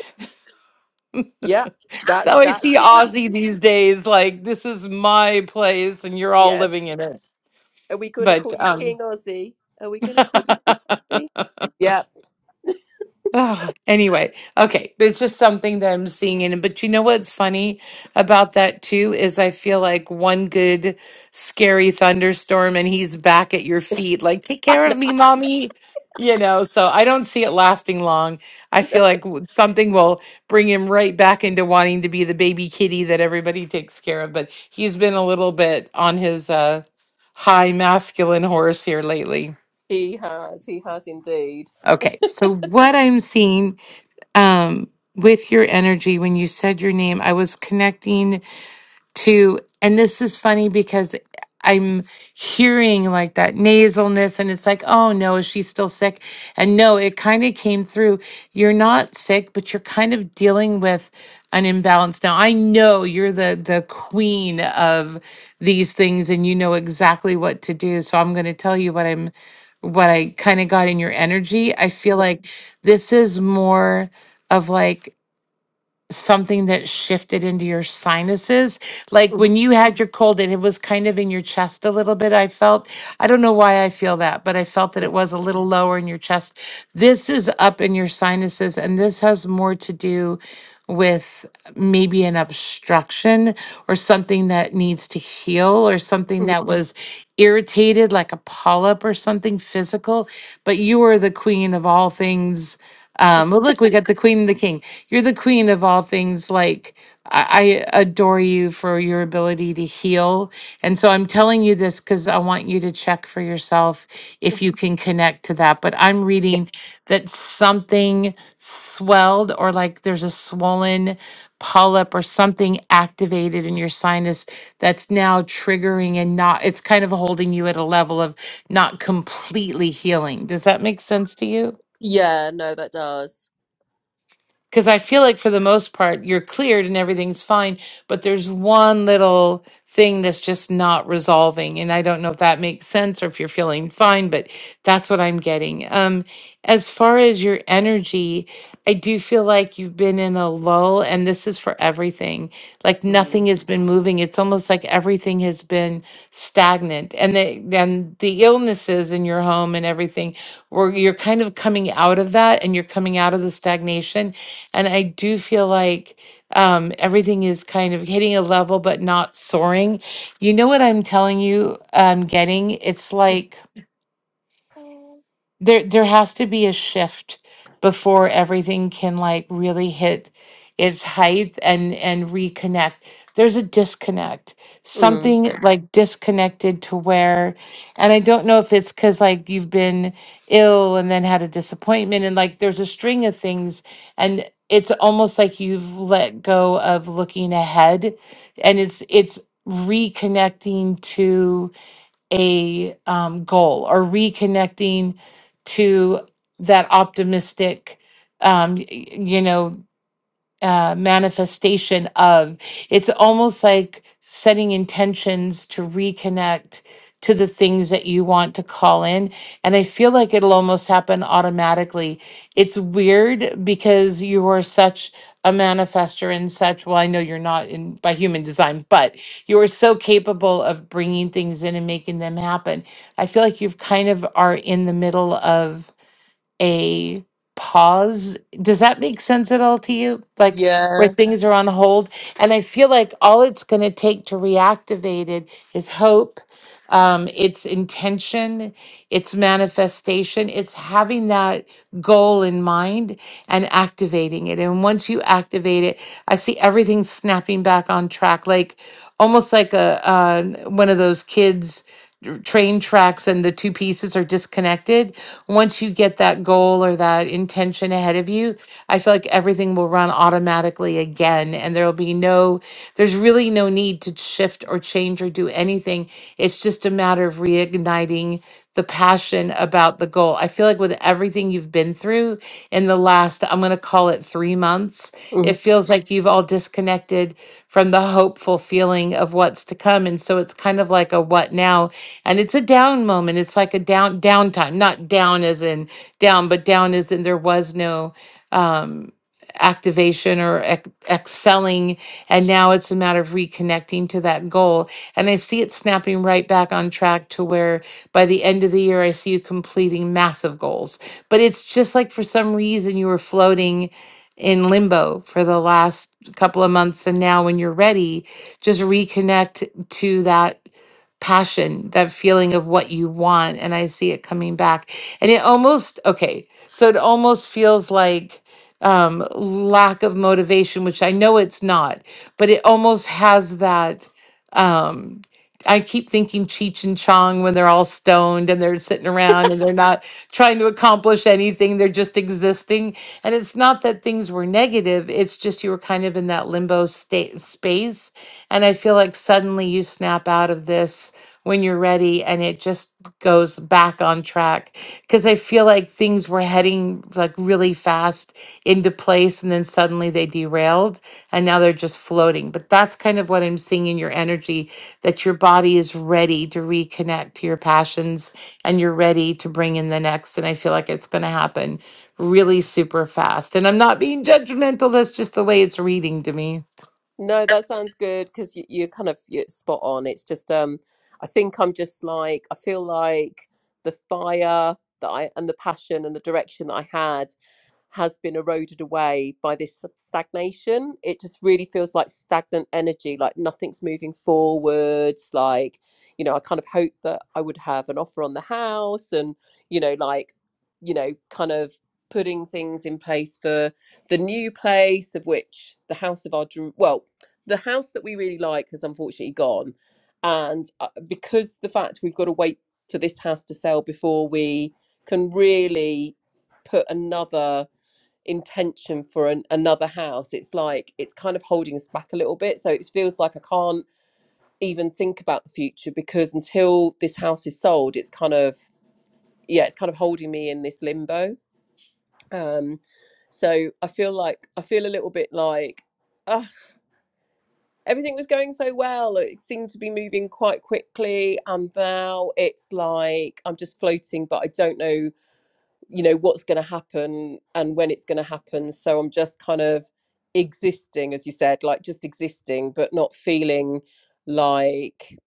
Yeah.
that's
That's
how I
that's
see
him.
Aussie these days. Like this is my place and you're all
Yes.
living in it.
Are we going to
But
call you
um
King Aussie? Are we going to call you King Aussie? Yeah.
Oh, anyway, okay. But It's just something that I'm seeing in it. But you know what's funny about that too is I feel like one good scary thunderstorm and he's back at your feet, like, take
I
care of
know.
me, mommy. You know, so I don't see it lasting long. I feel like w- something will bring him right back into wanting to be the baby kitty that everybody takes care of. But he's been a little bit on his uh high masculine horse here lately.
He has. He has indeed.
Okay, so what I'm seeing um, with your energy when you said your name. I was connecting to and this is funny because I'm hearing like that nasalness and it's like, oh no, is she still sick? And no, it kind of came through. You're not sick, but you're kind of dealing with an imbalance. Now I know you're the the queen of these things and you know exactly what to do. So I'm gonna tell you what I'm what I kind of got in your energy. I feel
Yeah.
like this is more of like something that shifted into your sinuses like
mhm,
when you had your cold and it was kind of in your chest a little bit i felt i don't know why i feel that but i felt that
Yeah.
it was a little lower in your chest this is up in your sinuses and this has more to do with maybe an obstruction or something that needs to heal or something
mhm,
that was irritated like a polyp or something physical but you are the queen of all things um, but look, we got the queen and the king. You're the queen of all things. Like, I, I adore you for your ability to heal. And so I'm telling you this because I want you to check for yourself if
mhm,
you can connect to that. But I'm
Yeah.
reading that something swelled or like there's a swollen polyp or something activated in your sinus that's now triggering and not, it's kind of holding you at a level of not completely healing. Does that make sense to you?
Yeah. No, that does.
Because I feel like for the most part, you're cleared and everything's fine, but there's one little thing that's just not resolving. And I don't know if that makes sense or if you're feeling fine, but that's what I'm getting. Um, as far as your energy, I do feel like you've been in a lull, and this is for everything. Like nothing
Mm.
has been moving. It's almost like everything has been stagnant. And the, then the illnesses in your home and everything, where you're kind of coming out of that and you're coming out of the stagnation and I do feel like um, everything is kind of hitting a level but not soaring. You know what I'm telling you, I'm getting? It's
Yeah.
like there there has to be a shift before everything can like really hit its height and and reconnect there's a disconnect
Mm.
something Yeah. like disconnected to where and i don't know if it's because like you've been ill and then had a disappointment and like there's a string of things and it's almost like you've let go of looking ahead and it's it's reconnecting a um, goal or reconnecting to that optimistic um, y- y- you know uh, manifestation of. It's almost like setting intentions to reconnect to the things that you want to call in. And I feel like it'll almost happen automatically. It's weird because you are such a manifester and such. Well, I know you're not in by human design, but you are so capable of bringing things in and making them happen. I feel like you've kind of are in the middle of a pause. Does that make sense at all to you? Like where
Yeah.
things are on hold? And I feel like all it's going to take to reactivate it is hope, um, it's intention, it's manifestation, it's having that goal in mind and activating it. And once you activate it, I see everything snapping back on track, like almost like a uh, one of those kids r- train tracks and the two pieces are disconnected, once you get that goal or that intention ahead of you, I feel like everything will run automatically again. And there will be no, there's really no need to shift or change or do anything. It's just a matter of reigniting the passion about the goal. I feel like with everything you've been through in the last, I'm going to call it three months,
mm-hmm.
it feels like you've all disconnected from the hopeful feeling of what's to come. And so it's kind of like a what now? And it's a down moment. It's like a down downtime, not down as in down, but down as in there was no um, activation or ex- excelling. And now it's a matter of reconnecting to that goal. And I see it snapping right back on track to where by the end of the year, I see you completing massive goals. But it's just like for some reason you were floating in limbo for the last couple of months. And now when you're ready, just reconnect to that passion, that feeling of what you want. And I see it coming back. And it almost, okay, so it almost feels like um, lack of motivation, which I know it's not, but it almost has that. Um, I keep thinking Cheech and Chong when they're all stoned and they're sitting around and they're not trying to accomplish anything, they're just existing. And it's not that things were negative, it's just you were kind of in that limbo state space and I feel like suddenly you snap out of this when you're ready and it just goes back on track. Because I feel like things were heading like really fast into place and then suddenly they derailed and now they're just floating. But that's kind of what I'm seeing in your energy that your body is ready to reconnect to your passions and you're ready to bring in the next. And I feel like it's going to happen really super fast. And I'm not being judgmental, that's just the way it's reading to me.
No, that sounds good because you, you're kind of you're spot on. It's just um, I think I'm just like I feel like the fire that I and the passion and the direction that I had has been eroded away by this stagnation. It just really feels like stagnant energy, like nothing's moving forwards. Like, you know, I kind of hoped that I would have an offer on the house and, you know, like, you know, kind of putting things in place for the new place, of which the house of our dream, well, the house that we really like has unfortunately gone. And uh, because the fact we've got to wait for this house to sell before we can really put another intention for an, another house it's like it's kind of holding us back a little bit so it feels like i can't even think about the future because until this house is sold it's kind of yeah it's kind of holding me in this limbo um so i feel like i feel a little bit like ah, everything was going so well it seemed to be moving quite quickly and now it's like i'm just floating but i don't know you know what's going to happen and when it's going to happen so i'm just kind of existing as you said like just existing but not feeling like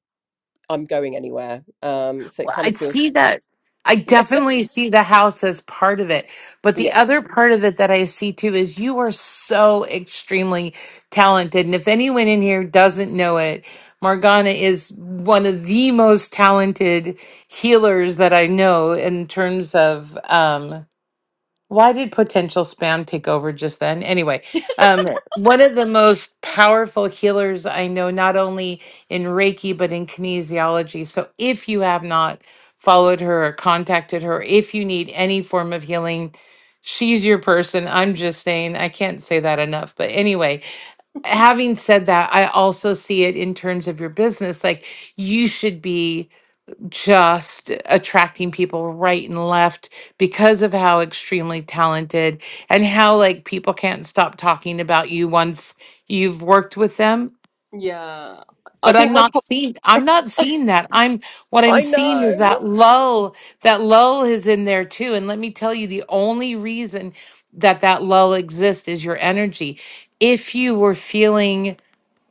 i'm going anywhere um so it
Well,
kind
I
of feels
see that. I
yeah
definitely see the house as part of it. But the
yeah
other part of it that I see too is you are so extremely talented. And if anyone in here doesn't know it, Morgana is one of the most talented healers that I know in terms of. um, why did potential spam take over just then? Anyway, um, Right. one of the most powerful healers I know, not only in Reiki, but in kinesiology. So if you have not followed her or contacted her, if you need any form of healing, she's your person. I'm just saying, I can't say that enough. But anyway, having said that, I also see it in terms of your business. Like you should be just attracting people right and left because of how extremely talented and how like people can't stop talking about you once you've worked with them
Yeah. I
but
think
i'm
my
not
po-
seeing i'm not seeing that i'm what i'm
i
seeing is
know
that lull that lull is in there too and let me tell you the only reason that that lull exists is your energy if you were feeling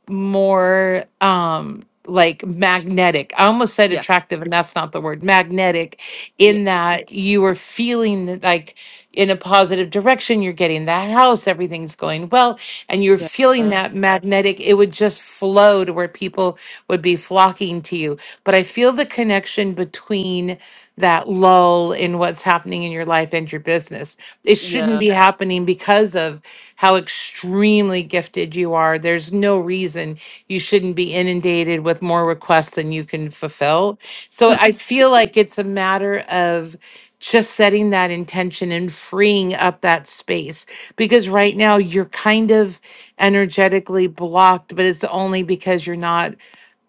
more um like magnetic. I almost said
yeah,
attractive and that's not the word. Magnetic
yeah,
in that you are feeling like in a positive direction, you're getting the house, everything's going well, and you're
yeah,
feeling that magnetic, it would just flow to where people would be flocking to you. But I feel the connection between that lull in what's happening in your life and your business it shouldn't
yeah.
be happening because of how extremely gifted you are. There's no reason you shouldn't be inundated with more requests than you can fulfill. So I feel like it's a matter of just setting that intention and freeing up that space because right now you're kind of energetically blocked, but it's only because you're not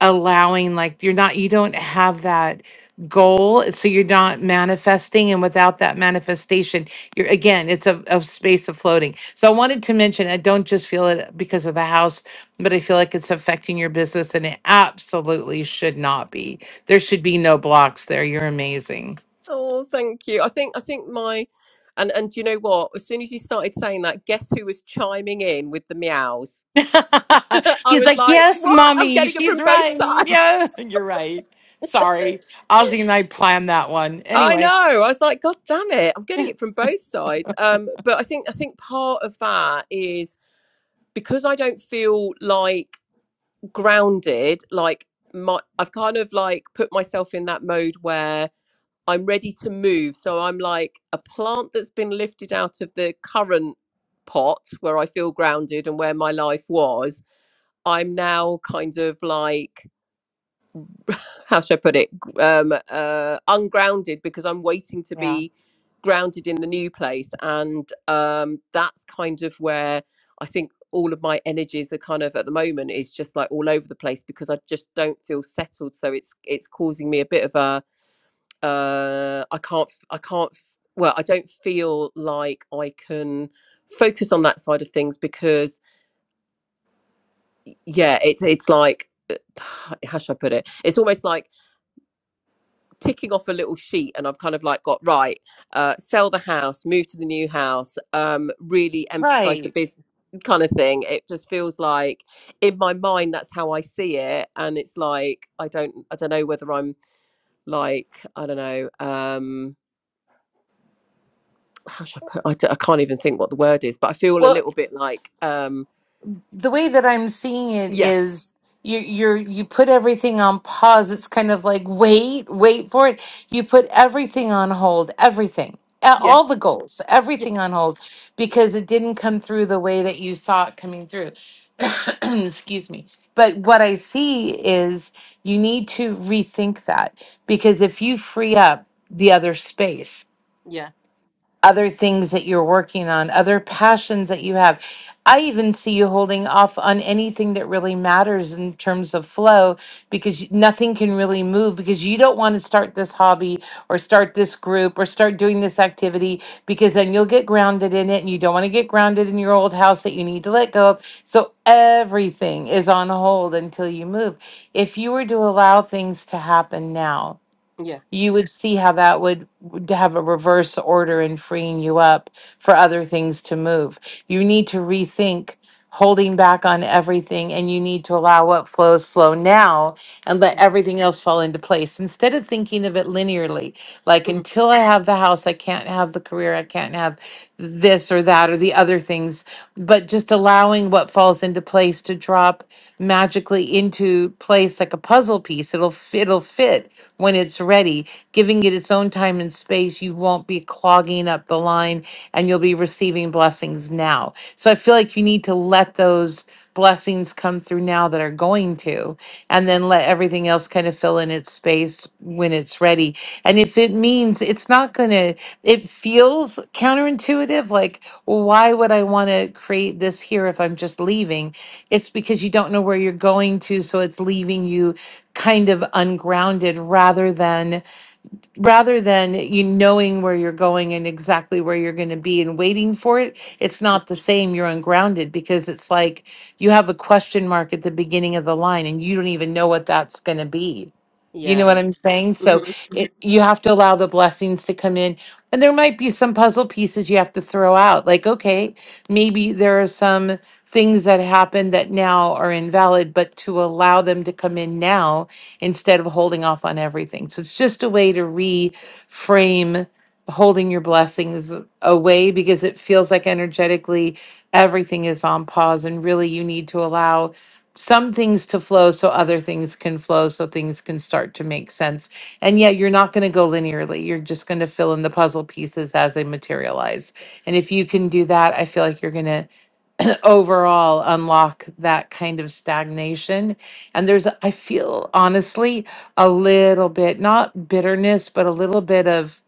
allowing, like, you're not, you don't have that goal so you're not manifesting and without that manifestation you're again it's a, a space of floating so i wanted to mention i don't just feel it because of the house but i feel like it's affecting your business and it absolutely should not be there should be no blocks there you're amazing
Oh, thank you. I think I think my and and do you know what? As soon as you started saying that, guess who was chiming in with the meows? I
he's
was
like
like,
yes
"What? I'm
mommy
getting it
she's
from both
right
sides."
yes you're right sorry ozzy and i planned that one
I
anyway
know. I was like, God damn it! I'm getting it from both sides. Um, but I think I think part of that is because I don't feel like grounded. Like my, I've kind of like put myself in that mode where I'm ready to move. So I'm like a plant that's been lifted out of the current pot where I feel grounded and where my life was. I'm now kind of like how should I put it? G- Um, uh, ungrounded because I'm waiting to
yeah
be grounded in the new place, and um, that's kind of where I think all of my energies are kind of at the moment is just like all over the place because I just don't feel settled. So it's it's causing me a bit of a uh, I can't f- I can't f- well I don't feel like I can focus on that side of things because yeah it's it's like how should I put it? It's almost like ticking off a little sheet and I've kind of like got right, uh, sell the house, move to the new house, um, really emphasize the
right
business kind of thing. It just feels like in my mind that's how I see it. And it's like I don't I don't know whether I'm like, I don't know, um how should I put I, d- I can't even think what the word is, but I feel a
Well.
little bit like um
the way that I'm seeing it
yeah,
is you you're you put everything on pause. It's kind of like wait, wait for it. You put everything on hold, everything. a-
yeah,
All the goals,
yeah,
everything on hold because it didn't come through the way that you saw it coming through. Excuse me. But what I see is you need to rethink that because if you free up the other space,
yeah,
other things that you're working on, other passions that you have. I even see you holding off on anything that really matters in terms of flow because y- nothing can really move because you don't want to start this hobby or start this group or start doing this activity because then you'll get grounded in it and you don't want to get grounded in your old house that you need to let go of. So everything is on hold until you move. If you were to allow things to happen now,
yeah.
you would see how that would would have a reverse order in freeing you up for other things to move. You need to rethink holding back on everything and you need to allow what flows flow now and let
mm,
everything else fall into place instead of thinking of it linearly like
mhm,
until i have the house i can't have the career i can't have this or that or the other things but just allowing what falls into place to drop magically into place like a puzzle piece it'll f- it'll fit when it's ready giving it its own time and space you won't be clogging up the line and you'll be receiving blessings now so i feel like you need to let those blessings come through now that are going to, and then let everything else kind of fill in its space when it's ready. And if it means it's not going to, it feels counterintuitive. Like, well, why would I want to create this here if I'm just leaving? It's because you don't know where you're going to. So it's leaving you kind of ungrounded rather than rather than you knowing where you're going and exactly where you're going to be and waiting for it, it's
Yeah.
not the same. You're ungrounded because it's like you have a question mark at the beginning of the line and you don't even know what that's going to be. You know what
Yeah.
I'm saying? So
hmm
it, you have to allow the blessings to come in. And there might be some puzzle pieces you have to throw out. Like, okay, maybe there are some things that happened that now are invalid, but to allow them to come in now instead of holding off on everything. So it's just a way to reframe holding your blessings away because it feels like energetically everything is on pause and really you need to allow some things to flow so other things can flow so things can start to make sense and yet you're not going to go linearly you're just going to fill in the puzzle pieces as they materialize and if you can do that i feel like you're going to overall unlock that kind of stagnation. And there's, I feel honestly, a little bit, not bitterness, but a little bit of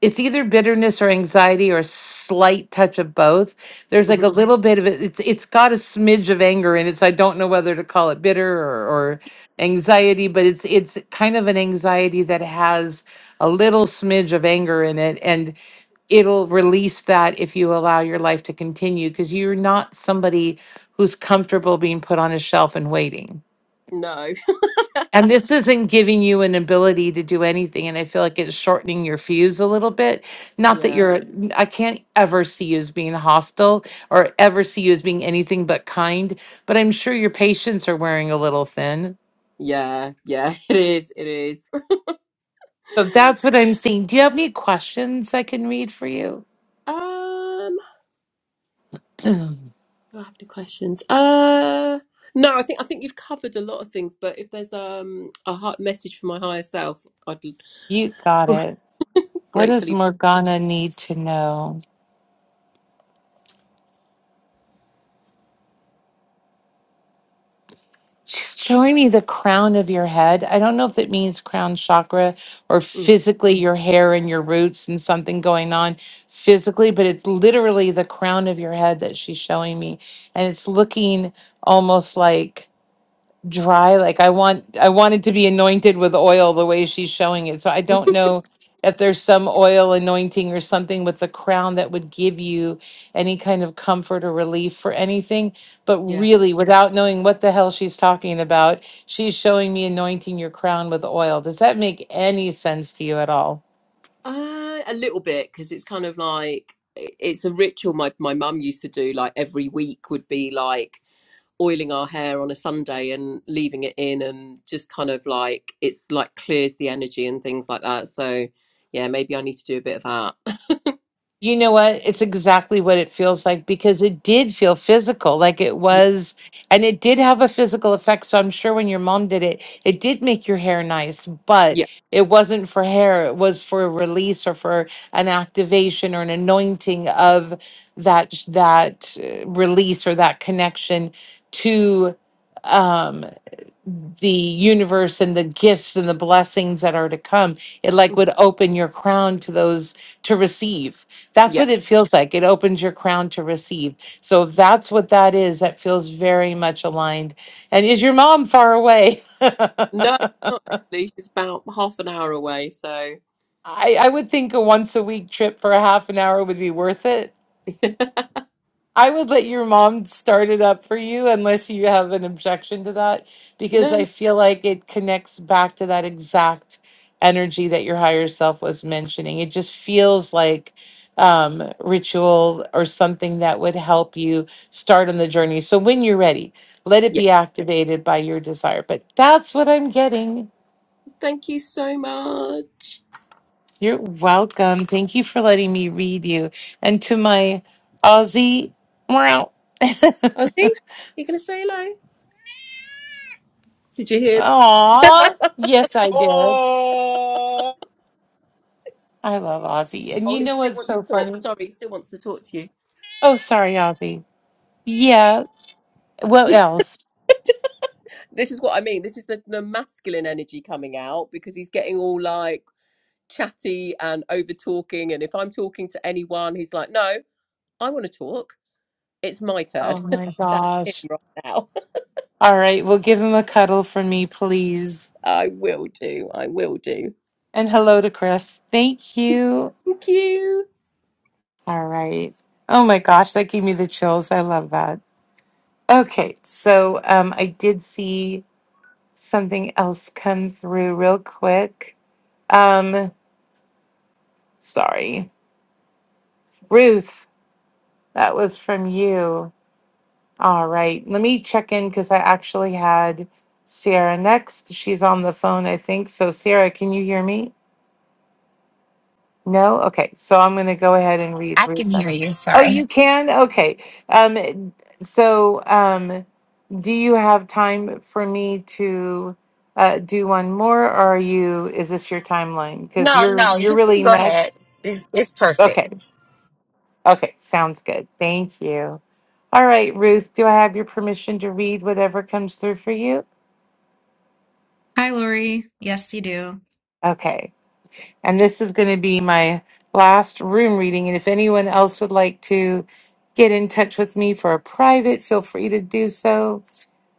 it's either bitterness or anxiety or a slight touch of both. There's
hmm
like a little bit of it. It's it's got a smidge of anger in it. So I don't know whether to call it bitter or, or anxiety, but it's it's kind of an anxiety that has a little smidge of anger in it. And it'll release that if you allow your life to continue because you're not somebody who's comfortable being put on a shelf and waiting.
No.
And
that's
this isn't giving you an ability to do anything. And I feel like it's shortening your fuse a little bit. Not that
yeah.
you're, n- I can't ever see you as being hostile or ever see you as being anything but kind, but I'm sure your patients are wearing a little thin.
Yeah, yeah, it is. It is.
So that's what I'm seeing. Do you have any questions I can read for you?
Um, do I have any questions? Uh, no, I think I think you've covered a lot of things. But if there's um a heart message from my higher self, I'd
You got it. What does
gratefully.
Morgana need to know? She's showing me the crown of your head. I don't know if that means crown chakra or
Mm.
physically your hair and your roots and something going on physically, but it's literally the crown of your head that she's showing me. And it's looking almost like dry like i want i want it to be anointed with oil the way she's showing it so i don't know if there's some oil anointing or something with the crown that would give you any kind of comfort or relief for anything but
Yeah.
really without knowing what the hell she's talking about she's showing me anointing your crown with oil does that make any sense to you at all
Uh, a little bit because it's kind of like it's a ritual my my mum used to do. Like every week would be like oiling our hair on a Sunday and leaving it in, and just kind of like it's like clears the energy and things like that. So yeah, maybe I need to do a bit of that.
You know what? It's exactly what it feels like because it did feel physical, like it
Yeah,
was, and it did have a physical effect. So I'm sure when your mom did it, it did make your hair nice, but
yeah,
it wasn't for hair. It was for a release or for an activation or an anointing of that that uh, release or that connection to um the universe and the gifts and the blessings that are to come it like
mm,
would open your crown to those to receive that's
yeah.
what it feels like it opens your crown to receive so if that's what that is that feels very much aligned and is your mom far away I,
No, not actually. She's about half an hour away. So
I would think a once a week trip for a half an hour would be worth it I would let your mom start it up for you unless you have an objection to that, because
no,
I
no.
feel like it connects back to that exact energy that your higher self was mentioning. It just feels like um, ritual or something that would help you start on the journey. So when you're ready, let it
Yeah.
be activated by your desire. But that's what I'm getting.
Thank you so much.
You're welcome. Thank you for letting me read you. And to my Aussie, wow.
Ozzy, you gonna say hello? Did you hear?
Aw, yes, I did.
Oh.
I love Ozzy. And
Oh,
you
he
know
still
what's
wants to
so
talk.
funny?
Sorry, he still wants to talk to you.
Oh, sorry, Ozzy. Yes. What else?
this is what I mean. This is the, the masculine energy coming out because he's getting all like chatty and over talking. And if I'm talking to anyone, he's like, no, I want to talk. It's my turn.
Oh my
That's him
gosh.
right now.
All right, well, give him a cuddle for me, please.
I will do. I will do.
And hello to Chris. Thank you.
Thank you.
All right. Oh my gosh, that gave me the chills. I love that. Okay, so um, I did see something else come through real quick. Um, sorry. Ruth, that was from you. All right. Let me check in because I actually had Sierra next. She's on the phone, I think. So, Sierra, can you hear me? No? Okay. So, I'm going to go ahead and read
I
Ruth.
can hear you.
Oh, you
Sorry.
can? Okay. Um, so, um, do you have time for me to uh, do one more, or are you? Is this your timeline? Because
No,
you're
no,
you're
you can
really
go ahead.
next.
This it's perfect.
Okay. Okay. Sounds good. Thank you. All right, Ruth. Do I have your permission to read whatever comes through for you?
Hi, Lori. Yes, you do.
Okay. And this is going to be my last room reading. And if anyone else would like to get in touch with me for a private, feel free to do so.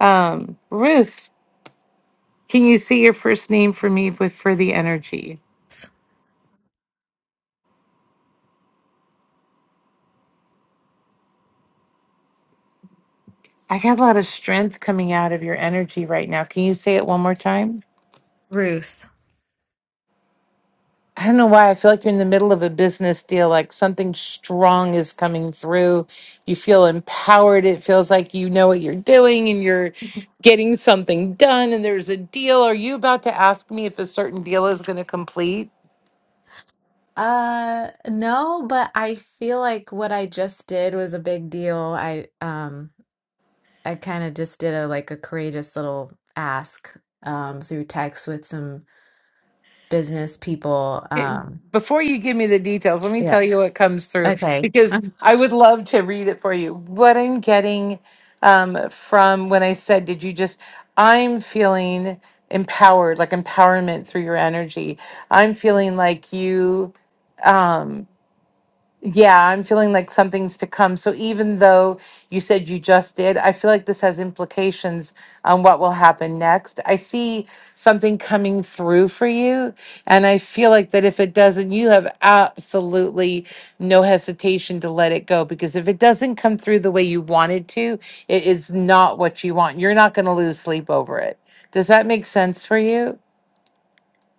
Um, Ruth, can you see your first name for me with, for the energy? I got a lot of strength coming out of your energy right now. Can you say it one more time?
Ruth.
I don't know why I feel like you're in the middle of a business deal, like something strong is coming through. You feel empowered. It feels like you know what you're doing and you're getting something done and there's a deal. Are you about to ask me if a certain deal is going to complete?
Uh, no, but I feel like what I just did was a big deal. I um I kind of just did a like a courageous little ask um through text with some business people. Um
before you give me the details, let me
yeah.
tell you what comes through
Okay.
because
Um,
I would love to read it for you. What I'm getting um, from when I said, Did you just, I'm feeling empowered, like empowerment through your energy. I'm feeling like you. Um, yeah, I'm feeling like something's to come. So even though you said you just did, I feel like this has implications on what will happen next. I see something coming through for you, and I feel like that if it doesn't, you have absolutely no hesitation to let it go because if it doesn't come through the way you wanted to, it is not what you want. You're not going to lose sleep over it. Does that make sense for you?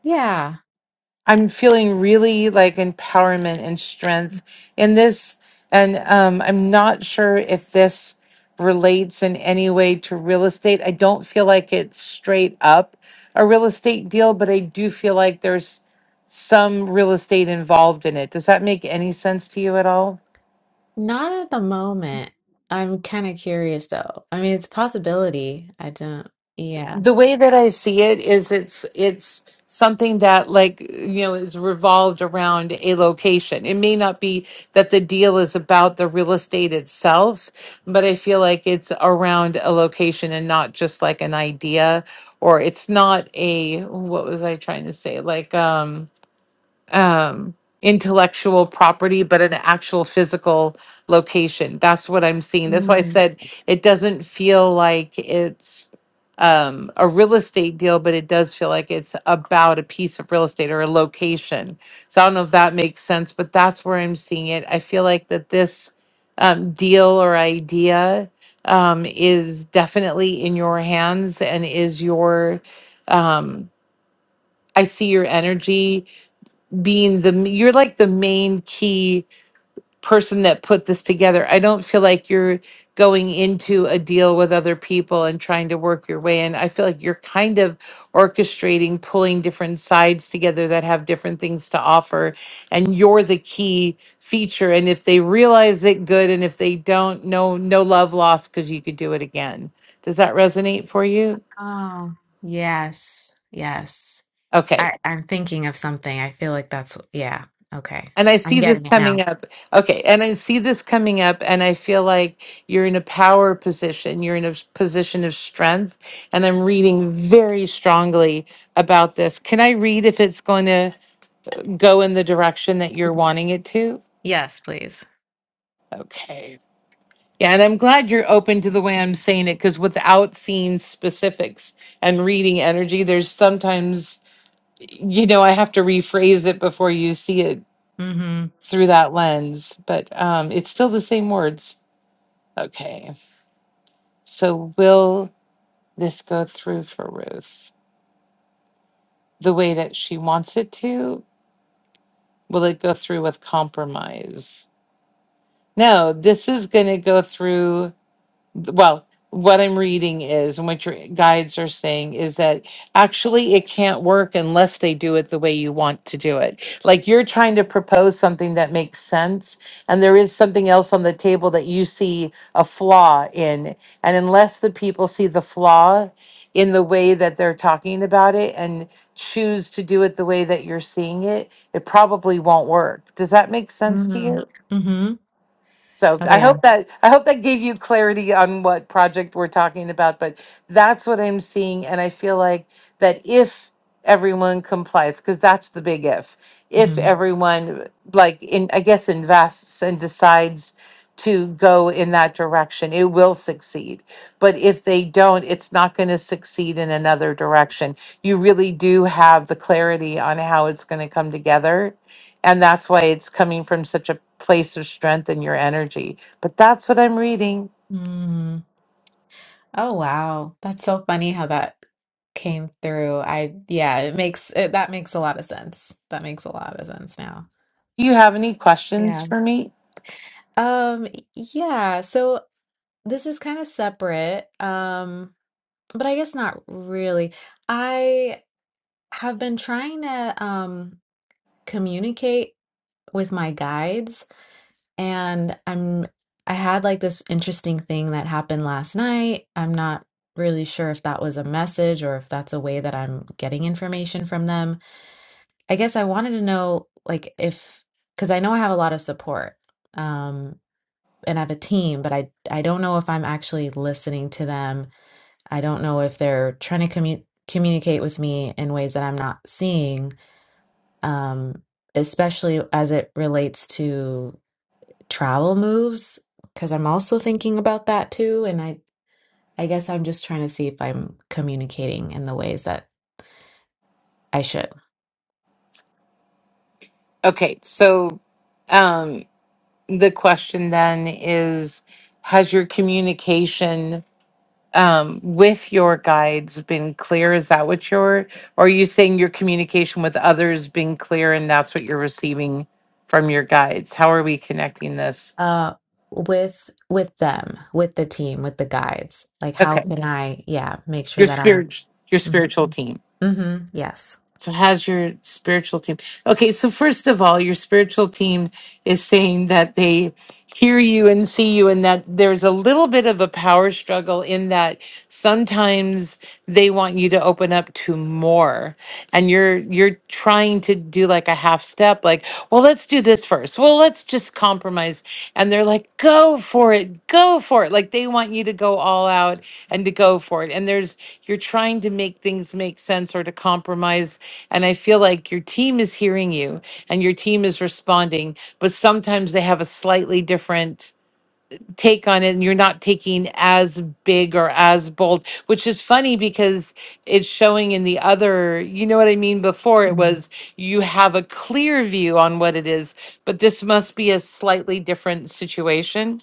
Yeah,
I'm feeling really like empowerment and strength in this. And um, I'm not sure if this relates in any way to real estate. I don't feel like it's straight up a real estate deal, but I do feel like there's some real estate involved in it. Does that make any sense to you at all?
not at the moment. I'm kind of curious though. I mean, it's a possibility. I don't yeah.
the way that I see it is it's it's something that like you know is revolved around a location. It may not be that the deal is about the real estate itself, but I feel like it's around a location and not just like an idea or it's not a what was I trying to say? Like um um, intellectual property, but an actual physical location. That's what I'm seeing. That's why I
Mm.
said it doesn't feel like it's um, a real estate deal, but it does feel like it's about a piece of real estate or a location. So I don't know if that makes sense, but that's where I'm seeing it. I feel like that this um, deal or idea um, is definitely in your hands and is your. Um, I see your energy being the you're like the main key person that put this together. I don't feel like you're going into a deal with other people and trying to work your way in. I feel like you're kind of orchestrating, pulling different sides together that have different things to offer and you're the key feature and if they realize it good and if they don't no no love lost cuz you could do it again. Does that resonate for you?
Oh, yes, yes.
Okay.
I, I'm thinking of something. I feel like that's, yeah. Okay.
And I
I'm
see this
getting it
coming
now.
up. Okay. And I see this coming up, and I feel like you're in a power position. You're in a s- position of strength. And I'm reading very strongly about this. Can I read if it's going to go in the direction that you're wanting it to?
Yes, please.
Okay. Yeah. And I'm glad you're open to the way I'm saying it because without seeing specifics and reading energy, there's sometimes, you know, I have to rephrase it before you see it
Mm-hmm.
through that lens, but um, it's still the same words. Okay. So will this go through for Ruth the way that she wants it to? Will it go through with compromise? No, this is going to go through well, what I'm reading is, and what your guides are saying is that actually it can't work unless they do it the way you want to do it. Like you're trying to propose something that makes sense, and there is something else on the table that you see a flaw in. And unless the people see the flaw in the way that they're talking about it and choose to do it the way that you're seeing it, it probably won't work. Does that make sense to you?
Mm-hmm. Mm-hmm.
So
Oh,
I
yeah.
hope that I hope that gave you clarity on what project we're talking about, but that's what I'm seeing and I feel like that if everyone complies because that's the big if. If
Mm-hmm.
everyone like in I guess invests and decides to go in that direction, it will succeed. But if they don't, it's not going to succeed in another direction. You really do have the clarity on how it's going to come together and that's why it's coming from such a place of strength in your energy. But that's what I'm reading.
Mm-hmm. Oh, wow. That's so funny how that came through. I, yeah, it makes it, that makes a lot of sense. That makes a lot of sense now.
Do you have any questions
Yeah.
for me?
Um, yeah. So this is kind of separate. Um, but I guess not really. I have been trying to, um, communicate with my guides and I'm I had like this interesting thing that happened last night. I'm not really sure if that was a message or if that's a way that I'm getting information from them. I guess I wanted to know like if cuz I know I have a lot of support. Um and I have a team, but I I don't know if I'm actually listening to them. I don't know if they're trying to commu- communicate with me in ways that I'm not seeing. Um especially as it relates to travel moves because I'm also thinking about that too. And I, I guess I'm just trying to see if I'm communicating in the ways that I should.
Okay, so um, the question then is Has your communication um, with your guides been clear? Is that what you're, or are you saying your communication with others been clear and that's what you're receiving from your guides? How are we connecting this?
Uh, with with them, with the team, with the guides. Like, how
Okay,
can I, yeah, make sure
your
that I'm.
spirit, your spiritual
Mm-hmm.
team.
mm-hmm, Yes.
So how's your spiritual team? Okay, so first of all, your spiritual team is saying that they hear you and see you and that there's a little bit of a power struggle in that sometimes they want you to open up to more and you're you're trying to do like a half step like, well, let's do this first. Well, let's just compromise compromise. And they're like, go for it, go for it. Like they want you to go all out and to go for it. And there's, you're trying to make things make sense or to compromise. And I feel like your team is hearing you and your team is responding, but sometimes they have a slightly different take on it and you're not taking as big or as bold which is funny because it's showing in the other you know what i mean before it was you have a clear view on what it is but this must be a slightly different situation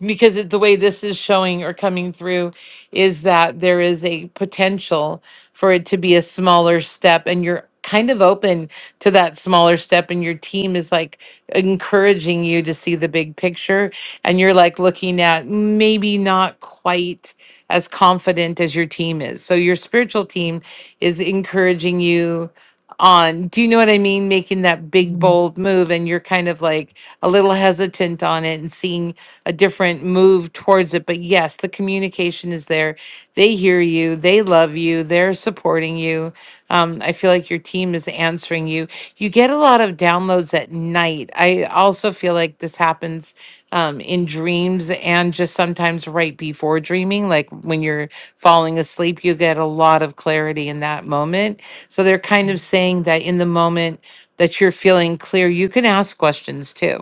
because it, the way this is showing or coming through is that there is a potential for it to be a smaller step and you're kind of open to that smaller step and your team is like encouraging you to see the big picture and you're like looking at maybe not quite as confident as your team is so your spiritual team is encouraging you on do you know what i mean making that big
Mm-hmm.
bold move and you're kind of like a little hesitant on it and seeing a different move towards it but yes the communication is there they hear you they love you they're supporting you um, i feel like your team is answering you you get a lot of downloads at night i also feel like this happens um, in dreams and just sometimes right before dreaming. Like when you're falling asleep, you get a lot of clarity in that moment. So they're kind of saying that in the moment that you're feeling clear, you can ask questions too.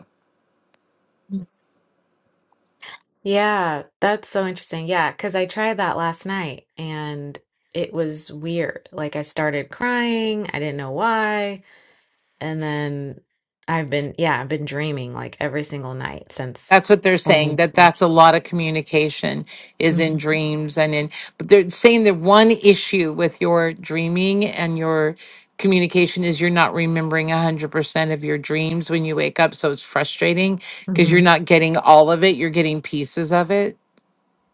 Yeah, that's so interesting. Yeah, because I tried that last night and it was weird. Like I started crying, I didn't know why, and then I've been yeah, I've been dreaming like every single night since.
That's what they're
hmm
saying. That that's a lot of communication is in dreams and in. But they're saying the one issue with your dreaming and your communication is you're not remembering one hundred percent of your dreams when you wake up. So it's frustrating because you're
hmm
not getting all of it. You're getting pieces of it.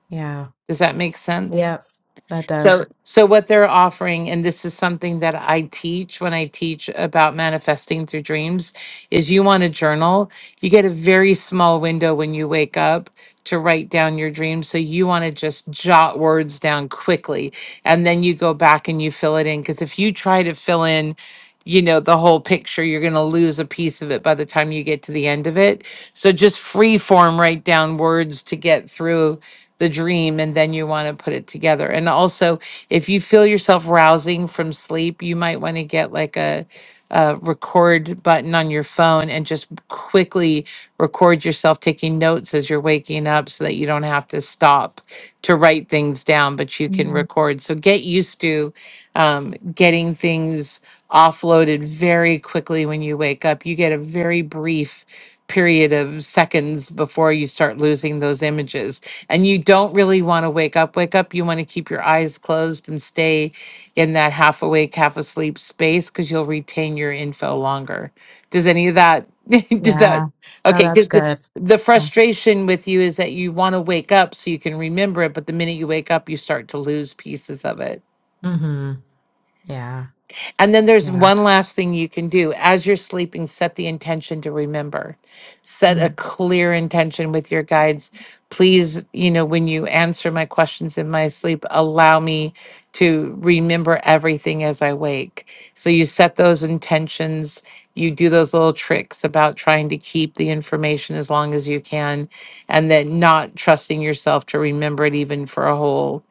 Yeah.
Does that make sense?
Yep. That does.
So, so what they're offering, and this is something that I teach when I teach about manifesting through dreams, is you want to journal. You get a very small window when you wake up to write down your dreams. So you want to just jot words down quickly, and then you go back and you fill it in. Because if you try to fill in, you know, the whole picture, you're going to lose a piece of it by the time you get to the end of it. So just free form write down words to get through the dream and then you want to put it together. And also, if you feel yourself rousing from sleep, you might want to get like a, a record button on your phone and just quickly record yourself taking notes as you're waking up so that you don't have to stop to write things down, but you can
hmm
record. So get used to um, getting things offloaded very quickly when you wake up. You get a very brief period of seconds before you start losing those images and you don't really want to wake up, wake up. You want to keep your eyes closed and stay in that half awake, half asleep space because you'll retain your info longer. Does any of that, does that,
Yeah. No,
okay,
that's
because the,
good.
the
Yeah.
frustration with you is that you want to wake up so you can remember it, but the minute you wake up, you start to lose pieces of it.
hmm Yeah.
And then there's
Yeah.
one last thing you can do. As you're sleeping, set the intention to remember. Set a
Mm-hmm.
clear intention with your guides. Please, you know, when you answer my questions in my sleep, allow me to remember everything as I wake. So you set those intentions. You do those little tricks about trying to keep the information as long as you can and then not trusting yourself to remember it even for a whole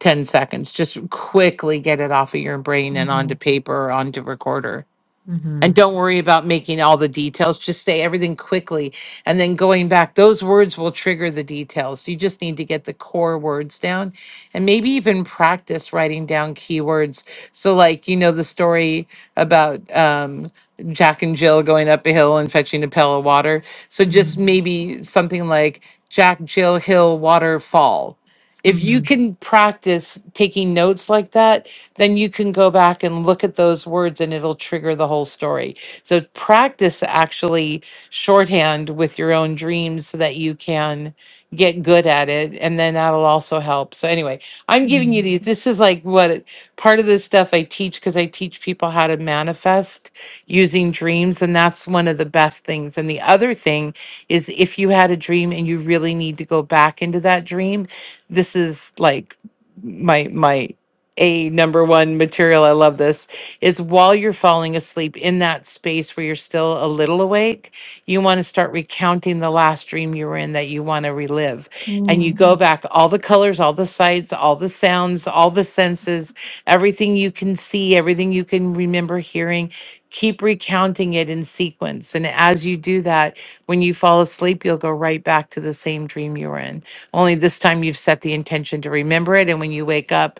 10 seconds. Just quickly get it off of your brain and onto paper, onto recorder
Mm-hmm.
and don't worry about making all the details just say everything quickly and then going back those words will trigger the details you just need to get the core words down and maybe even practice writing down keywords so like you know the story about um, jack and jill going up a hill and fetching a pail of water so
Mm-hmm.
just maybe something like jack jill hill waterfall if you
Mm-hmm.
can practice taking notes like that then you can go back and look at those words and it'll trigger the whole story. So practice actually shorthand with your own dreams so that you can get good at it. And then that'll also help. So, anyway, I'm giving you these. This is like what it- part of this stuff I teach because I teach people how to manifest using dreams. And that's one of the best things. And the other thing is if you had a dream and you really need to go back into that dream, this is like, my my a number one material. I love this. Is while you're falling asleep in that space where you're still a little awake, you want to start recounting the last dream you were in that you want to relive. And you go back all the colors, all the sights, all the sounds, all the senses, everything you can see, everything you can remember hearing. Keep recounting it in sequence. And as you do that, when you fall asleep, you'll go right back to the same dream you were in. Only this time you've set the intention to remember it. And when you wake up,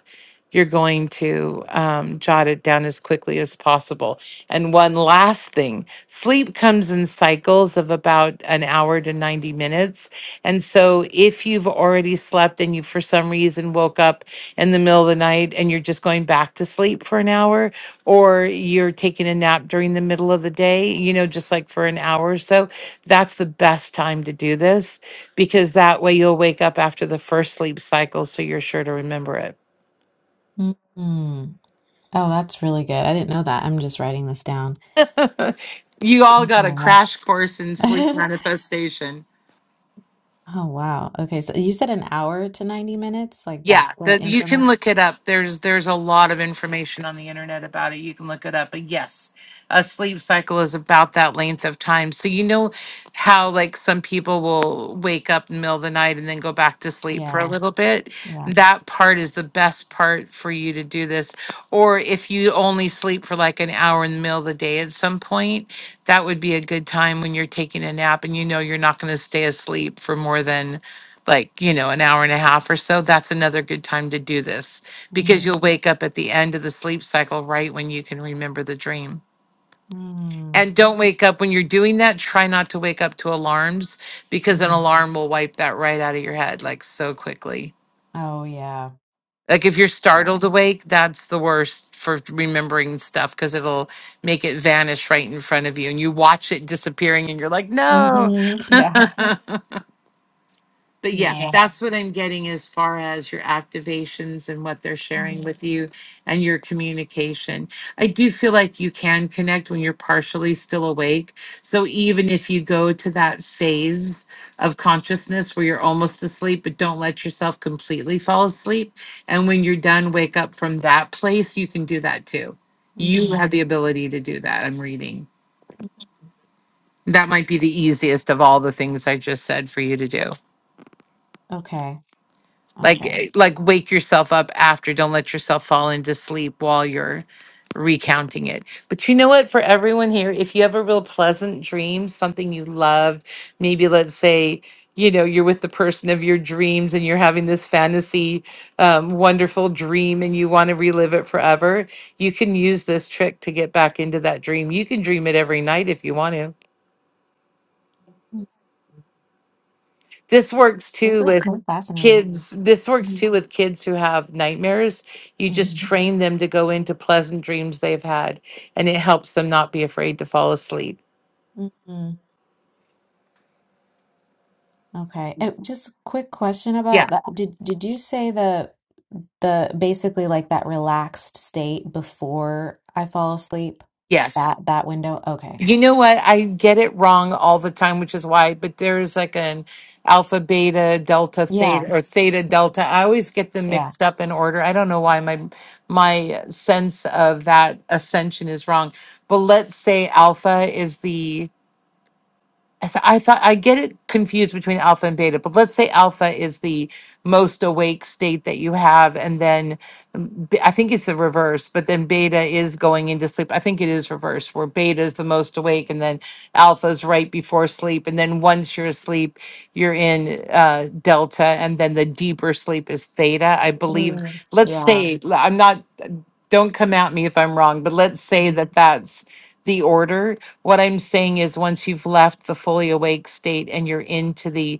you're going to um, jot it down as quickly as possible. And one last thing sleep comes in cycles of about an hour to 90 minutes. And so if you've already slept and you, for some reason, woke up in the middle of the night and you're just going back to sleep for an hour, or you're taking a nap during the middle of the day, you know, just like for an hour or so, that's the best time to do this because that way you'll wake up after the first sleep cycle. So you're sure to remember it.
Mm-hmm. Oh, that's really good. I didn't know that. I'm just writing this down.
you all got a
Um,
crash course in sleep manifestation.
oh, wow. Okay, so you said an hour to 90 minutes, like
Yeah,
that's the
that you can
increment?
look it up. There's there's a lot of information on the internet about it. You can look it up. But yes, a sleep cycle is about that length of time. So you know how like some people will wake up in the middle of the night and then go back to sleep for a
Yeah,
little bit.
yeah.
That part is the best part for you to do this. Or if you only sleep for like an hour in the middle of the day at some point, that would be a good time when you're taking a nap and you know you're not going to stay asleep for more than like you know an hour and a half or so that's another good time to do this because
Mm,
you'll wake up at the end of the sleep cycle right when you can remember the dream
mm,
and don't wake up when you're doing that try not to wake up to alarms because an
mhm.
alarm will wipe that right out of your head like so quickly
Oh, yeah.
like if you're
Yeah.
startled awake that's the worst for remembering stuff because it'll make it vanish right in front of you and you watch it disappearing and you're like no
hmm Yeah.
but yeah, Yeah.
Yeah.
that's what I'm getting as far as your activations and what they're sharing
Mm,
with you and your communication. I do feel like you can connect when you're partially still awake. So even if you go to that phase of consciousness where you're almost asleep, but don't let yourself completely fall asleep. And when you're done, wake up from that place, you can do that too. You
mm.
have the ability to do that. I'm reading. That might be the easiest of all the things I just said for you to do.
Okay.
like
Okay.
eh, like wake yourself up after don't let yourself fall into sleep while you're recounting it but you know what for everyone here if you have a real pleasant dream something you loved maybe let's say you know you're with the person of your dreams and you're having this fantasy um, wonderful dream and you want to relive it forever you can use this trick to get back into that dream you can dream it every night if you want to
Mm.
This works
This
too
is
with
so fascinating.
kids. This works too with kids who have nightmares. You just
Mm-hmm.
train them to go into pleasant dreams they've had, and it helps them not be afraid to fall asleep.
Okay. Uh, just a quick question
Yeah.
about that. Did did you say the the basically like that relaxed state before I fall asleep? That
Yes.
that window? Okay.
You know what? I get it wrong all the time, which is why, but there's like an alpha, beta, delta,
Yeah.
theta, or theta, delta. I always get them
Yeah.
mixed up in order. I don't know why my my sense of that ascension is wrong. But let's say alpha is the I th- I thought I get it confused between alpha and beta, but let's say alpha is the most awake state that you have, and then mm, b- I think it's the reverse, but then beta is going into sleep. I think it is reverse, where beta is the most awake, and then alpha is right before sleep, and then once you're asleep, you're in uh, delta, and then the deeper sleep is theta. I believe.
Mm,
Let's
yeah.
say l- I'm not. Don't come at me if I'm wrong, but let's say
Mhm.
that that's the order what I'm saying is, once you've left the fully awake state and you're into the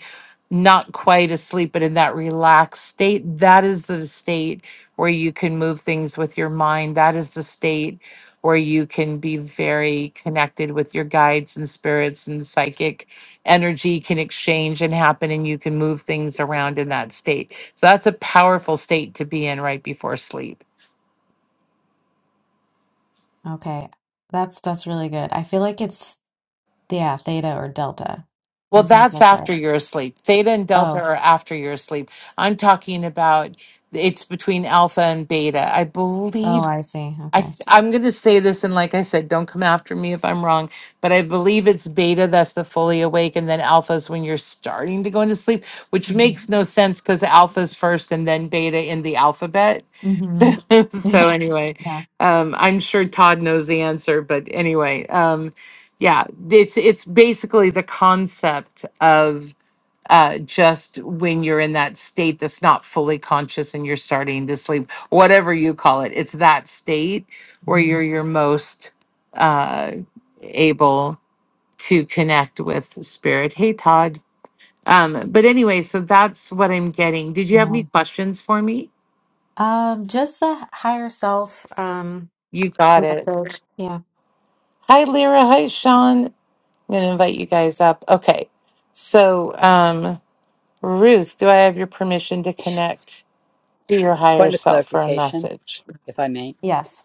not quite asleep, but in that relaxed state, that is the state where you can move things with your mind. That is the state where you can be very connected with your guides and spirits and psychic energy can exchange and happen and you can move things around in that state. So that's a powerful state to be in right before sleep.
Okay. That's that's really good. I feel like it's yeah, theta or delta.
Well,
I think
that's
that's right.
after you're asleep. Theta and delta
Oh.
are after you're asleep. I'm talking about it's between alpha and beta. I
Oh,
believe
I see.
I th-
Okay.
I'm going to say this and like I said, don't come after me if I'm wrong, but I believe it's beta that's the fully awake and then alpha is when you're starting to go into sleep, which
Mm-hmm.
makes no sense cuz alpha is first and then beta in the alphabet
Mm-hmm. Yeah.
so anyway,
Yeah.
um, I'm sure Todd knows the answer, but anyway, um, yeah, it's it's basically the concept of uh, just when you're in that state that's not fully conscious and you're starting to sleep, whatever you call it, it's that state where
Mhm.
you're your most uh, able to connect with spirit. Hey, Todd. Um, but anyway, so that's what I'm getting. Did you have any
Yeah.
questions for me?
Um, just a higher self um
You got it.
message. Yeah.
Hi, Lyra. Hi, Sean. I'm going to invite you guys up. Okay. So, um, Ruth, do I have your permission to connect to your higher
Point of
self for a
clarification,
message?
if I may,
Yes.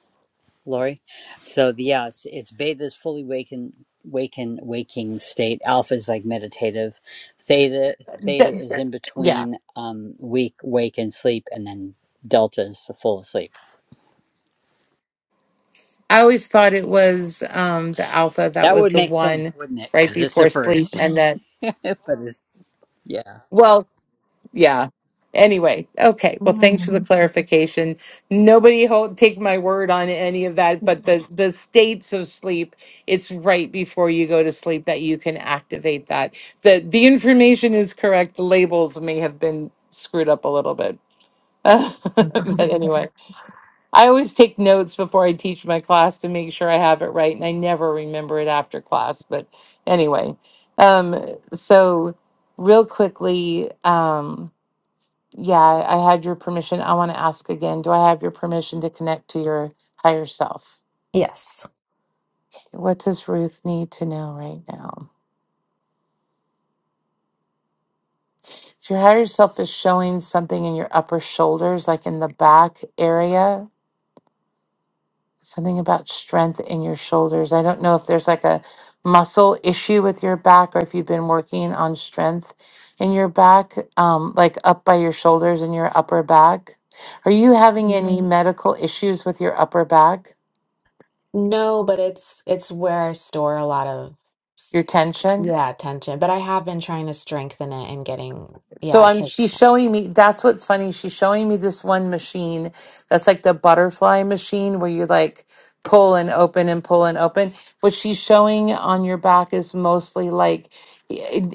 Lori. So the yeah, it's, it's beta is fully waking, waking, waking state. Alpha is like meditative. Theta, theta
Yes.
is in
Yeah.
between um, weak, wake, and sleep, and then delta is full asleep.
I always thought it was um, the alpha that
That
was
would
the
make sense,
one
wouldn't it?
right
Because it's the
before sleep,
first.
and that.
but it's yeah.
Well, Yeah. Anyway, okay. Well, thanks for the
Mm.
clarification. Nobody hold, take my word on any of that, but the the states of sleep, it's right before you go to sleep that you can activate that. The the information is correct. The labels may have been screwed up a little bit. but anyway, I always take notes before I teach my class to make sure I have it right, and I never remember it after class. But anyway, um, so real quickly, um, yeah, I I had your permission. I want to ask again. Do I have your permission to connect to your higher self?
Yes.
What does Ruth need to know right now? So your higher self is showing something in your upper shoulders, like in the back area, something about strength in your shoulders. I don't know if there's like a muscle issue with your back or if you've been working on strength in your back, um, like up by your shoulders in your upper back. Are you having any Mhm. medical issues with your upper back,
No, but it's it's where I store a lot of
your
s-
tension?
yeah, tension. But I have been trying to strengthen it and getting
So
yeah,
I'm
'cause-
she's showing me that's what's funny. She's showing me this one machine that's like the butterfly machine where you like pull and open and pull and open. What she's showing on your back is mostly like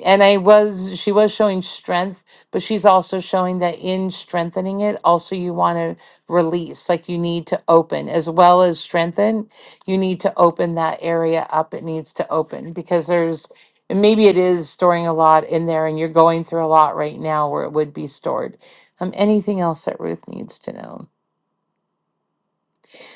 and I was she was showing strength, but she's also showing that in strengthening it, also you want to release, like you need to open as well as strengthen, you need to open that area up. It needs to open because there's and maybe it is storing a lot in there and you're going through a lot right now where it would be stored. Um, anything else that Ruth needs to know?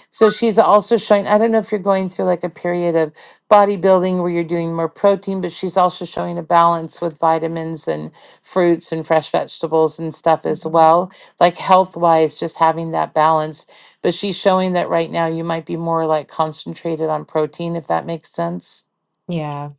So she's also showing, I don't know if you're going through like a period of bodybuilding where you're doing more protein, but she's also showing a balance with vitamins and fruits and fresh vegetables and stuff as
Mhm.
well. Like health wise, just having that balance. But she's showing that right now you might be more like concentrated on protein, if that makes sense.
yeah,